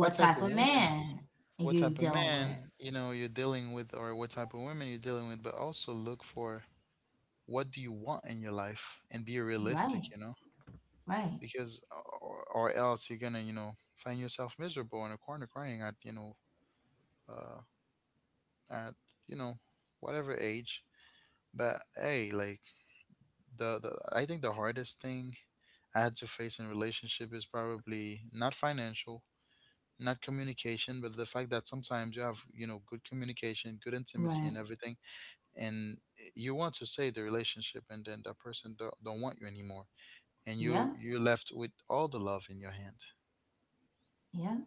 S1: what type of
S2: type of
S1: woman,
S2: man
S1: what type
S2: you
S1: of
S2: dealing with.
S1: man, you know, you're dealing with, or what type of women you're dealing with, but also look for what do you want in your life and be
S2: Right,
S1: realistic, you know,
S2: right
S1: because, or else you're gonna, you know, find yourself miserable in a corner crying at, you know, uh at you know whatever age. But hey, like, the I think the hardest thing I had to face in relationship is probably not financial, not communication, but the fact that sometimes you have, you know, good communication, good intimacy,
S2: right
S1: and everything, and you want to save the relationship, and then that person don't want you anymore, and you
S2: Yeah,
S1: you're left with all the love in your hand.
S2: yeah.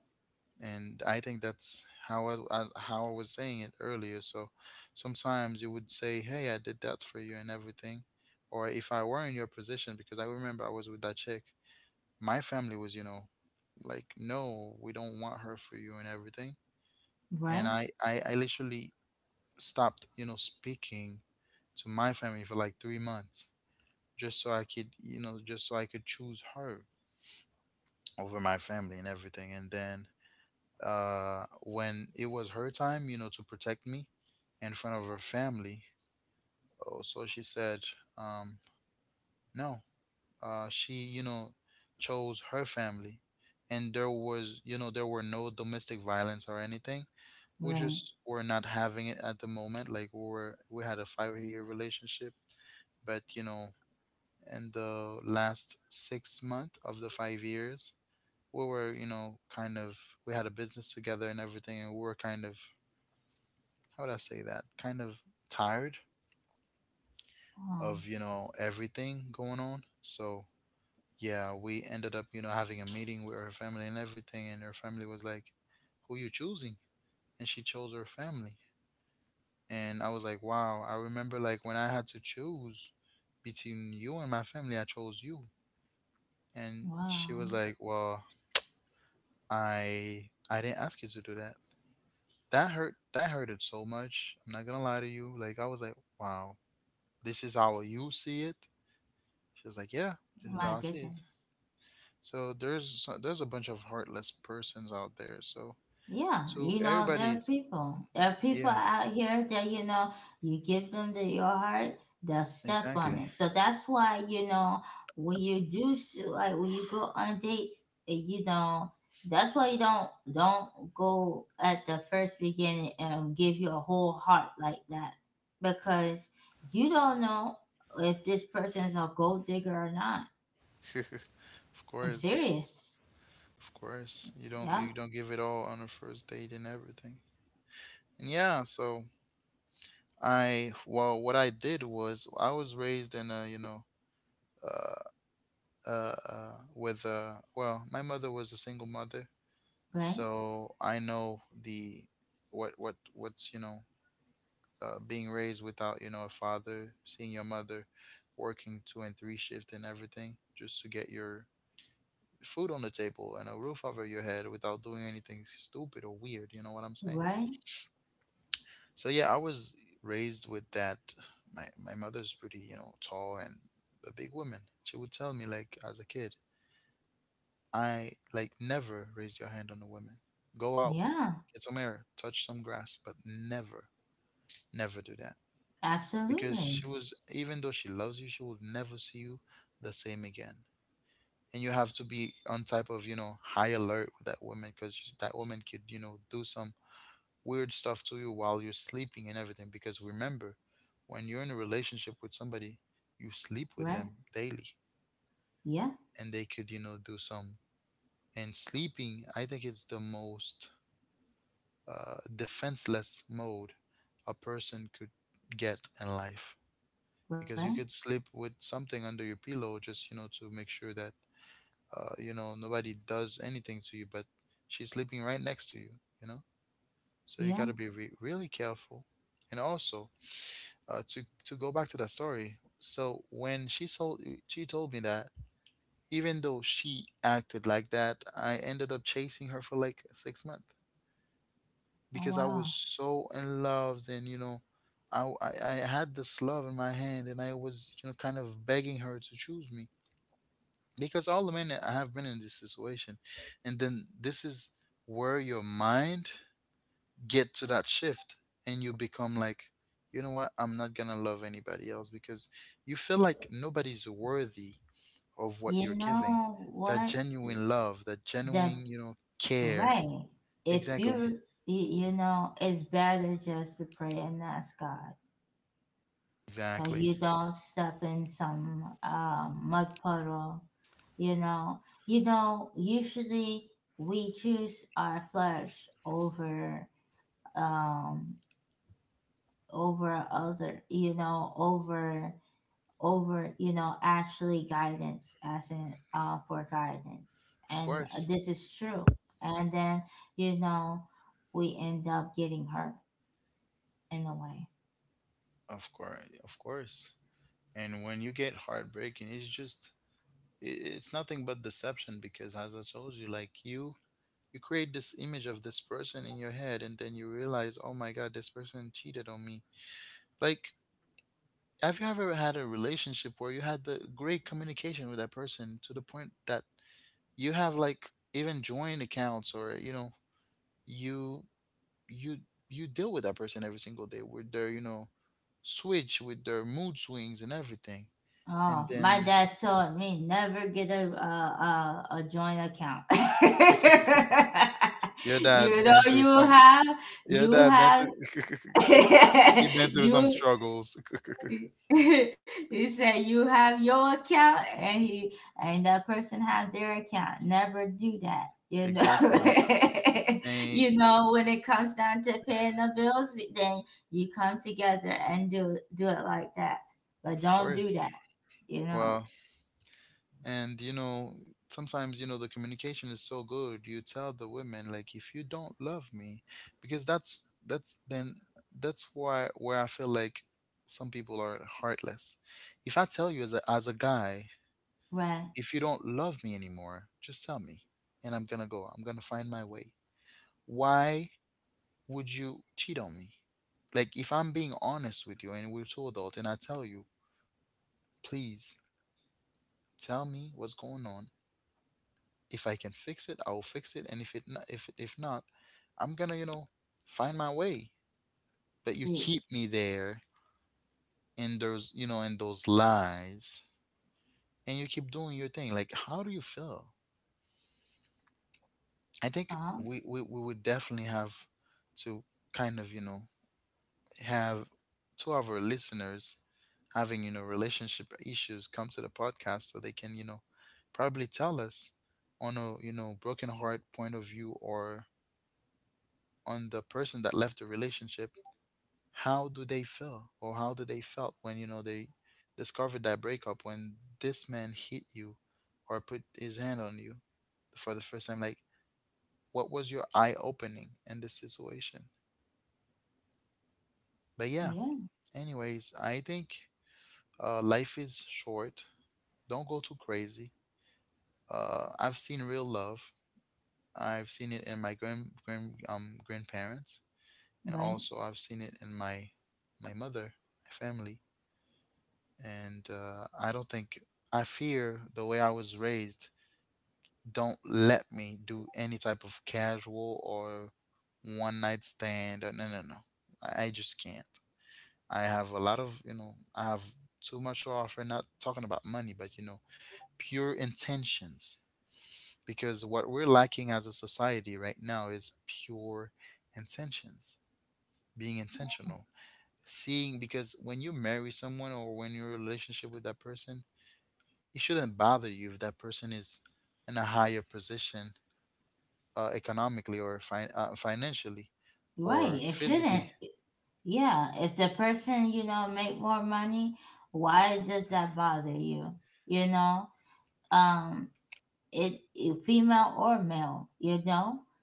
S1: And I think that's how I, how I was saying it earlier. So sometimes you would say, hey, I did that for you and everything, or if I were in your position, because I remember I was with that chick. My family was, you know, like, no, we don't want her for you, and everything. And
S2: Right,
S1: I literally stopped, you know, speaking to my family for like 3 months, just so I could, you know, just so I could choose her over my family and everything. And then, when it was her time, you know, to protect me in front of her family, oh, so she said, um, no, she, you know, chose her family. And there was, you know, there were no domestic violence or anything. We
S2: right.
S1: just were not having it at the moment. Like, we had a 5-year relationship, but you know, in the last 6 month of the 5 years, we were, you know, kind of we had a business together and everything, and we were kind of — how would I say that? — kind of tired
S2: um
S1: of, you know, everything going on. So yeah, we ended up, you know, having a meeting with her family and everything, and her family was like, "Who you choosing?" And she chose her family, and I was like, "Wow!" I remember, like, when I had to choose between you and my family, I chose you. And she
S2: wow.
S1: was like, "Well, I didn't ask you to do that." that hurt that hurted so much. I'm not gonna lie to you. Like, I was like, wow, this is how you see it. She was like, yeah, this is
S2: My
S1: how I see it.
S2: goodness.
S1: So there's there's a bunch of heartless persons out there. So
S2: Yeah, you know, there
S1: everybody,
S2: are people. There are people
S1: yeah,
S2: out here that, you know, you give them to your heart, they'll step
S1: exactly.
S2: on it. So that's why, you know, when you do, like, when you go on dates, eh, you know, that's why you don't go at the first beginning and give your whole heart like that, because you don't know if this person is a gold digger or not.
S1: Of
S2: I'm
S1: course.
S2: serious.
S1: Of course, you don't
S2: Yeah,
S1: you don't give it all on a first date and everything. And yeah, so I well, what I did was I was raised in a, you know, uh with, well, my mother was a single mother,
S2: right,
S1: so I know the, what's, you know, being raised without, you know, a father, seeing your mother working two and three shift and everything, just to get your food on the table and a roof over your head without doing anything stupid or weird. You know what I'm saying?
S2: right.
S1: So yeah, I was raised with that. My mother's pretty, you know, tall and a big woman. She would tell me, like, as a kid, I, like, never raised your hand on a woman. Go out,
S2: Yeah,
S1: get some air, touch some grass, but never, never do that. Because she
S2: absolutely.
S1: was, even though she loves you, she will never see you the same again. And you have to be on type of, you know, high alert with that woman, because that woman could, you know, do some weird stuff to you while you're sleeping and everything. Because remember, when you're in a relationship with somebody, you sleep
S2: Right.
S1: with them daily,
S2: Yeah.
S1: and they could, you know, do some. And sleeping, I think it's the most, defenseless mode a person could get in life,
S2: Right.
S1: because you could sleep with something under your pillow just, you know, to make sure that, you know, nobody does anything to you, but she's sleeping right next to you, you know. So you
S2: Yeah.
S1: got to be really careful. And also, to go back to that story, so when she told me that, even though she acted like that, I ended up chasing her for like 6 months,
S2: Oh
S1: because I
S2: wow.
S1: was so in love, and you know, I had this love in my hand, and I was, you know, kind of begging her to choose me, because all the men I have been in this situation. And then, this is where your mind get to that shift, and you become like, you know what, I'm not gonna love anybody else, because you feel like nobody's worthy of what you're
S2: You
S1: giving,
S2: know
S1: that
S2: what?
S1: genuine love, that
S2: The
S1: genuine, you know, care.
S2: Right. If
S1: Exactly.
S2: you, you, you know, it's better just to pray and ask God, so
S1: Exactly.
S2: you don't step in some mud puddle. You know. You know. Usually we choose our flesh over um over other. You know, over over you know actually guidance as in for guidance,
S1: Of
S2: and
S1: course.
S2: this is true, and then you know we end up getting hurt in a way.
S1: Of course, of course. And when you get heartbreaking, it's just, it's nothing but deception, because as I told you, like, you create this image of this person in your head, and then you realize, "Oh my god, this person cheated on me." Like, have you ever had a relationship where you had the great communication with that person to the point that you have, like, even joint accounts, or, you know, you you you deal with that person every single day with their, you know, switch, with their mood swings and everything,
S2: Oh,
S1: and
S2: my
S1: then
S2: dad told me never get a joint account.
S1: your dad
S2: you know
S1: been through
S2: you
S1: some.
S2: have
S1: Your
S2: you
S1: dad been
S2: have
S1: through. He been through some
S2: you
S1: struggles.
S2: he said you have your account and he and that person have their account, never do that, you know.
S1: Exactly. And
S2: You know, when it comes down to paying the bills, then you come together and do it like that, but
S1: of
S2: don't
S1: course.
S2: do that, you know.
S1: Well, and, you know, sometimes, you know, the communication is so good. You tell the women, like, if you don't love me, because that's why where I feel like some people are heartless. If I tell you as a guy,
S2: Right.
S1: if you don't love me anymore, just tell me, and I'm gonna go. I'm gonna find my way. Why would you cheat on me? Like, if I'm being honest with you and we're two adults, and I tell you, please tell me what's going on. If I can fix it, I will fix it. And if not, I'm gonna, you know, find my way. But you
S2: it,
S1: keep me there in those lies, and you keep doing your thing. Like, how do you feel? I think
S2: um
S1: we would definitely have to kind of, you know, have two of our listeners having, you know, relationship issues come to the podcast so they can, you know, probably tell us on a, you know, broken heart point of view, or on the person that left the relationship. How do they feel, or how do they felt when, you know, they discovered that breakup? When this man hit you or put his hand on you for the first time, like, what was your eye opening in this situation? But yeah,
S2: yeah,
S1: anyways, I think life is short. Don't go too crazy. I've seen real love. I've seen it in my grandparents, and
S2: right,
S1: also I've seen it in my my mother, my family. And I don't think I fear the way I was raised. Don't let me do any type of casual or one night stand. Or- No, no, no. I just can't. I have a lot of I have too much to offer. Not talking about money, but you know, pure intentions, because what we're lacking as a society right now is pure intentions, being intentional, seeing, because when you marry someone or when you're in a relationship with that person, it shouldn't bother you if that person is in a higher position, economically or financially
S2: right.
S1: or
S2: It shouldn't.
S1: physically.
S2: Yeah, if the person you know make more money, why does that bother you, you know? um it, it female or male, you know?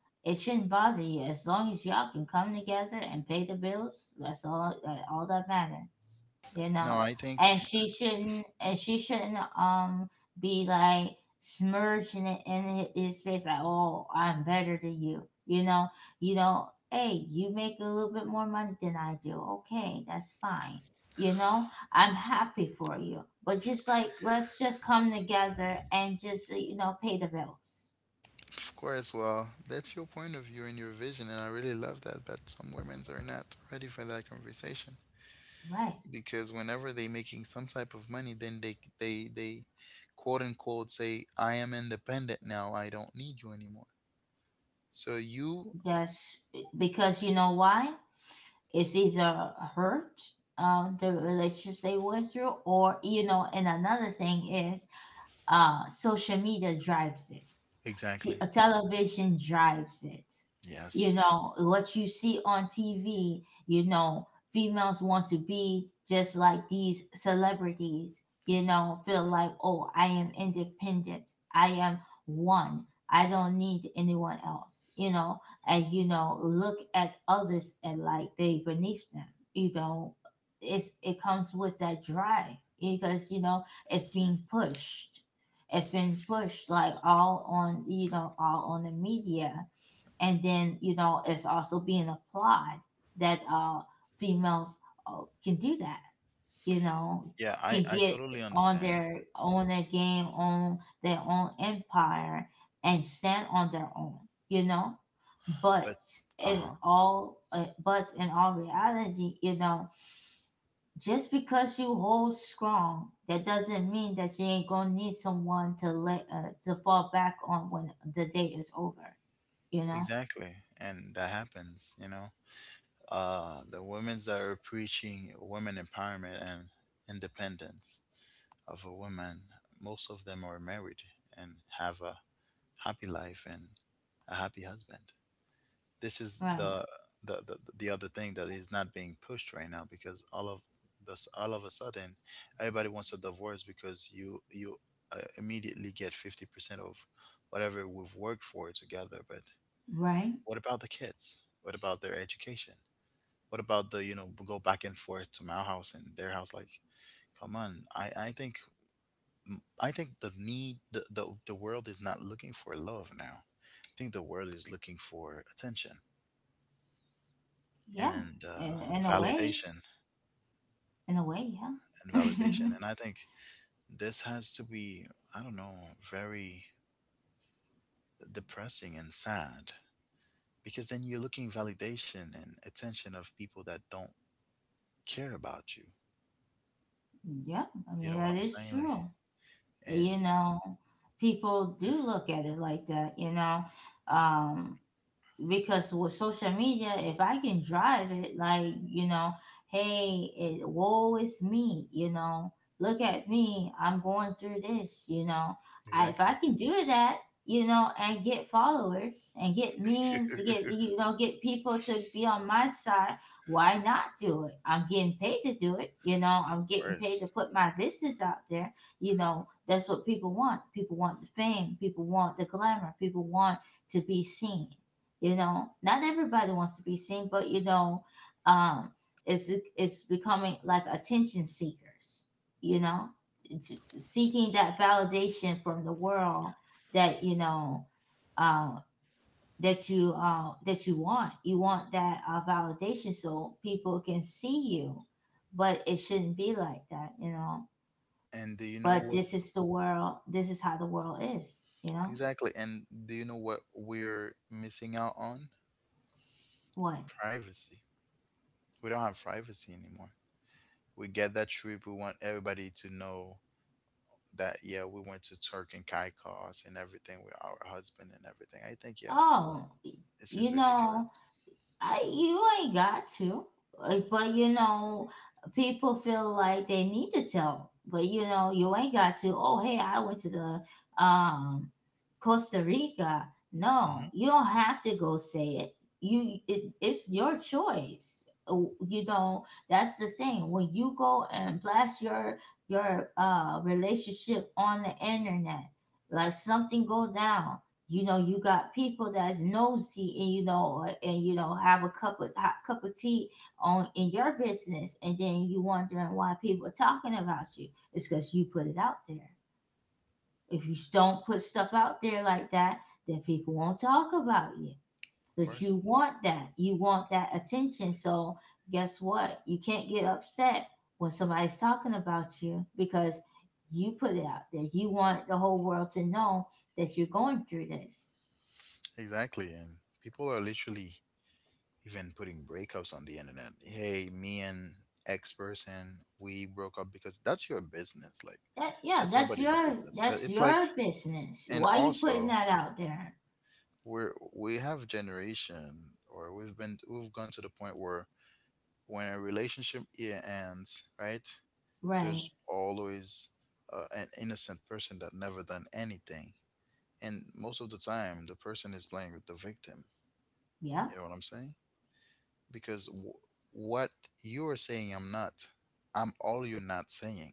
S2: It shouldn't bother you as long as y'all can come together and pay the bills. That's all that matters, you know.
S1: No, I
S2: And
S1: think.
S2: she shouldn't, and she shouldn't be like smirching it in his face like, oh, I'm better than you, you know. You know, hey, you make a little bit more money than I do. Okay, that's fine, you know, I'm happy for you. But just like, let's just come together and just, you know, pay the bills.
S1: Of course. Well, that's your point of view and your vision, and I really love that, but some women are not ready for that conversation,
S2: Right.
S1: because whenever they making some type of money, then they quote unquote say, I am independent now, I don't need you anymore. So you.
S2: That's, because you know why? It's either hurt, the relationships they went through, or, you know, and another thing is social media drives it.
S1: Exactly.
S2: Television drives it. You
S1: Yes.
S2: know, what you see on TV, you know, females want to be just like these celebrities, you know, feel like, oh, I am independent. I am one. I don't need anyone else, you know, and, you know, look at others and like they beneath them, you know, it comes with that drive because, you know, it's being pushed, it's been pushed like all on you know all on the media and then, you know, it's also being applied that females can do that, you know,
S1: Yeah,
S2: can
S1: I
S2: get
S1: totally
S2: on their
S1: understand,
S2: on their game, on their own empire, and stand on their own, you know. But
S1: but.
S2: in
S1: Uh-huh.
S2: all reality, you know, just because you hold strong, that doesn't mean that you ain't gonna need someone to let to fall back on when the day is over. You know?
S1: Exactly, and that happens, you know, the women's that are preaching women empowerment and independence of a woman, most of them are married and have a happy life and a happy husband. This is
S2: Right.
S1: the the other thing that is not being pushed right now, because all of this all of a sudden everybody wants a divorce because you immediately get 50% of whatever we've worked for together. But
S2: Right.
S1: what about the kids? What about their education? What about the, you know, go back and forth to my house and their house? Like, come on, I think. I think the need the world is not looking for love now. I think the world is looking for attention
S2: Yeah.
S1: and
S2: In, in a way.
S1: validation.
S2: In a way.
S1: And
S2: Yeah.
S1: validation. And I think this has to be, I don't know, very depressing and sad, because then you're looking validation and attention of people that don't care about you.
S2: Yeah. I mean,
S1: You know
S2: that
S1: what I'm
S2: is
S1: saying? Like,
S2: true. You
S1: and
S2: know, people do look at it like that. Um, because with social media, if I can drive it, like, you know, hey, woe is me, you know, look at me, I'm going through this, you know. If I
S1: exactly.
S2: can do that, you know, and get followers and get memes, to get, you know, get people to be on my side, why not do it? I'm getting paid to do it, you know, I'm getting paid to
S1: worse.
S2: put my business out there, you know. That's what people want. People want the fame, people want the glamour, people want to be seen. You know, not everybody wants to be seen, but, you know um it's it's becoming like attention seekers, you know, seeking that validation from the world, that, you know, uh, that you want, you want that validation so people can see you. But it shouldn't be like that, you know.
S1: And do you
S2: But
S1: know
S2: this
S1: what?
S2: is the world, this is how the world is, you know.
S1: Exactly, and do you know what we're missing out on?
S2: What?
S1: Privacy. We don't have privacy anymore. We get that trip, we want everybody to know that, yeah, we went to Turk and Caicos and everything with our husband and everything. I think, yeah,
S2: Oh,
S1: this
S2: you
S1: is
S2: know,
S1: ridiculous.
S2: you ain't got to. But you know, people feel like they need to tell. But you know, you ain't got to. Oh, hey, I went to the um Costa Rica.
S1: Hmm.
S2: No, you don't have to go say it. It's your choice. You know, that's the thing. When you go and blast your relationship on the internet, like something go down, you know, you got people that's nosy, and you know, and you know, have a cup of hot cup of tea on in your business, and then you wondering why people are talking about you. It's because you put it out there. If you don't put stuff out there like that, then people won't talk about you.
S1: Of
S2: But you
S1: course.
S2: want that, you want that attention, so guess what, you can't get upset when somebody's talking about you, because you put it out there, you want the whole world to know that you're going through this.
S1: Exactly. And people are literally even putting breakups on the internet. Hey, me and X person, we broke up, because that's your business. Like,
S2: That, yeah,
S1: that's
S2: that's
S1: nobody's
S2: your
S1: business. But
S2: that's
S1: it's like,
S2: your business.
S1: and
S2: Why you putting
S1: also,
S2: that out there?
S1: we're we have generation, or we've been we've gone to the point where when a relationship, yeah, ends, right?
S2: Right.
S1: There's always an innocent person that never done anything, and most of the time, the person is playing with the victim.
S2: Yeah.
S1: You know what I'm saying? because w- what you are saying, I'm not, I'm all you're not saying.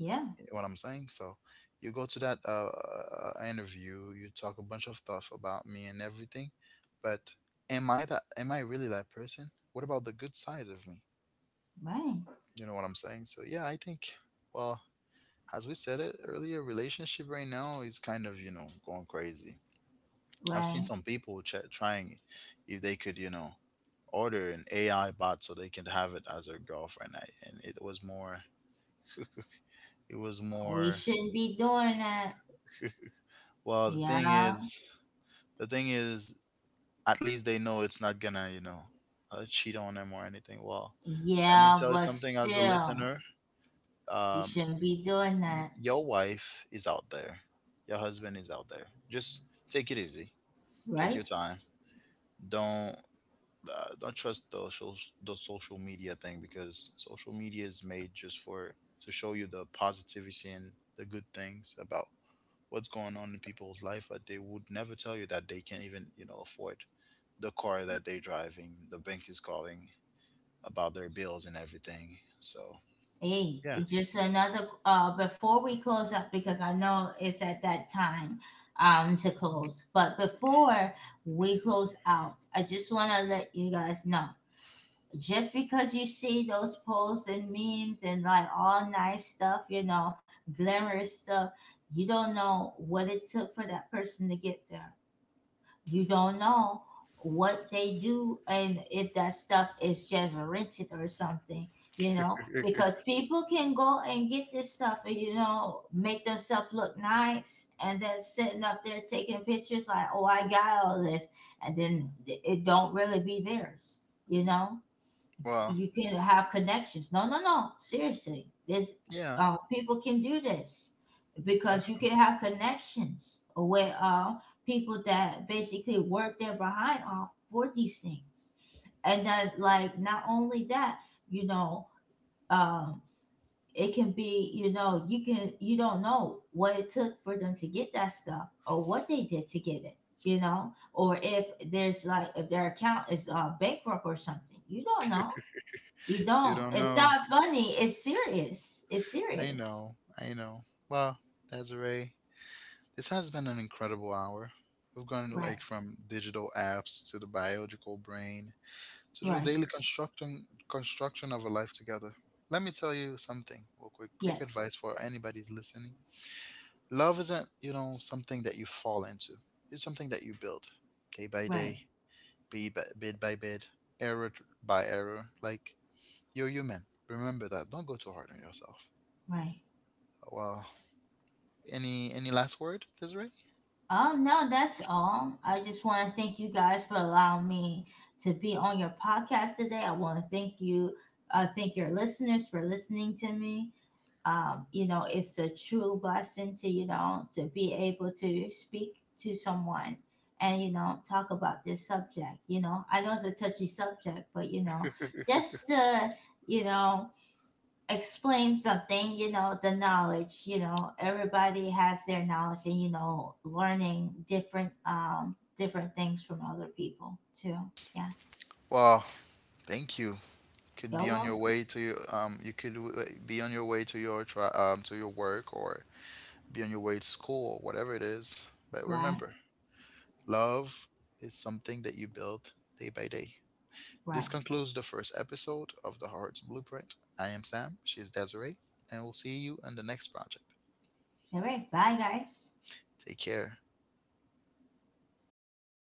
S2: Yeah.
S1: You know what I'm saying? So you go to that interview, you talk a bunch of stuff about me and everything, but am I that, am I really that person? What about the good side of me?
S2: Right.
S1: You know what I'm saying? So yeah, I think, well, as we said it earlier, relationship right now is kind of, you know, going crazy. I've seen
S2: Right.
S1: some people trying, if they could, you know, order an AI bot so they can have it as their girlfriend, I, and it was more. It was
S2: We
S1: more.
S2: shouldn't be doing that.
S1: Well,
S2: Yeah.
S1: the thing is, at least they know it's not gonna, you know, cheat on them or anything. Well, let me
S2: Yeah,
S1: tell you
S2: but
S1: something as a
S2: still,
S1: listener.
S2: you
S1: Um,
S2: shouldn't be doing that.
S1: y- your wife is out there. Your husband is out there. Just take it easy. Take
S2: Right?
S1: your time. Don't don't trust the social media thing, because social media is made just for to show you the positivity and the good things about what's going on in people's life, but they would never tell you that they can even, you know, afford the car that they're driving. The bank is calling about their bills and everything. So
S2: Hey, it's
S1: yeah.
S2: just another, before we close up, because I know it's at that time, to close. But before we close out, I just want to let you guys know, just because you see those posts and memes and like all nice stuff, you know, glamorous stuff, you don't know what it took for that person to get there. You don't know what they do, and if that stuff is just rented or something, you know, because people can go and get this stuff and, you know, make themselves look nice and then sitting up there taking pictures like, oh, I got all this. And then it don't really be theirs, you know? You
S1: well,
S2: can have connections. No, no, no. Seriously, this,
S1: yeah,
S2: people can do this because you
S1: def-.
S2: can have connections with people that basically work their behind off for these things. And then, like, not only that, you know, um, it can be, you know, you don't know what it took for them to get that stuff or what they did to get it, you know, or if there's like, if their account is bankrupt or something, you don't know. You
S1: You
S2: don't.
S1: don't
S2: It's
S1: know.
S2: not funny. It's serious. It's
S1: I
S2: serious.
S1: know, I know. Well, Desiree. This has been an incredible hour. We've gone
S2: Right.
S1: like from digital apps to the biological brain, to the
S2: Right.
S1: daily constructing construction of a life together. Let me tell you something, real quick, quick
S2: Yes.
S1: advice for anybody who's listening. Love isn't, you know, something that you fall into. It's something that you build day by
S2: Right.
S1: day, bid by bid, by bid, by error. Like, you're human. Remember that. Don't go too hard on yourself.
S2: Right.
S1: Well, any last word, Desiree?
S2: Oh no, that's all. I just want to thank you guys for allowing me to be on your podcast today. I want to thank you. Thank your listeners for listening to me. Um, you know, it's a true blessing to, you know, to be able to speak to someone and, you know, talk about this subject. You know, I know it's a touchy subject, but, you know, just to, you know, explain something, you know, the knowledge, you know, everybody has their knowledge, and, you know, learning different, different things from other people too. Yeah.
S1: Well, thank You could
S2: You're
S1: be on your
S2: welcome.
S1: way to your, you could be on your way to your try to your work, or be on your way to school or whatever it is. But
S2: Right.
S1: remember, love is something that you build day by day.
S2: Right.
S1: This concludes the first episode of the Heart's Blueprint. I am Sam, she's Desiree, and we'll see you in the next project.
S2: All right. Bye, guys.
S1: Take care.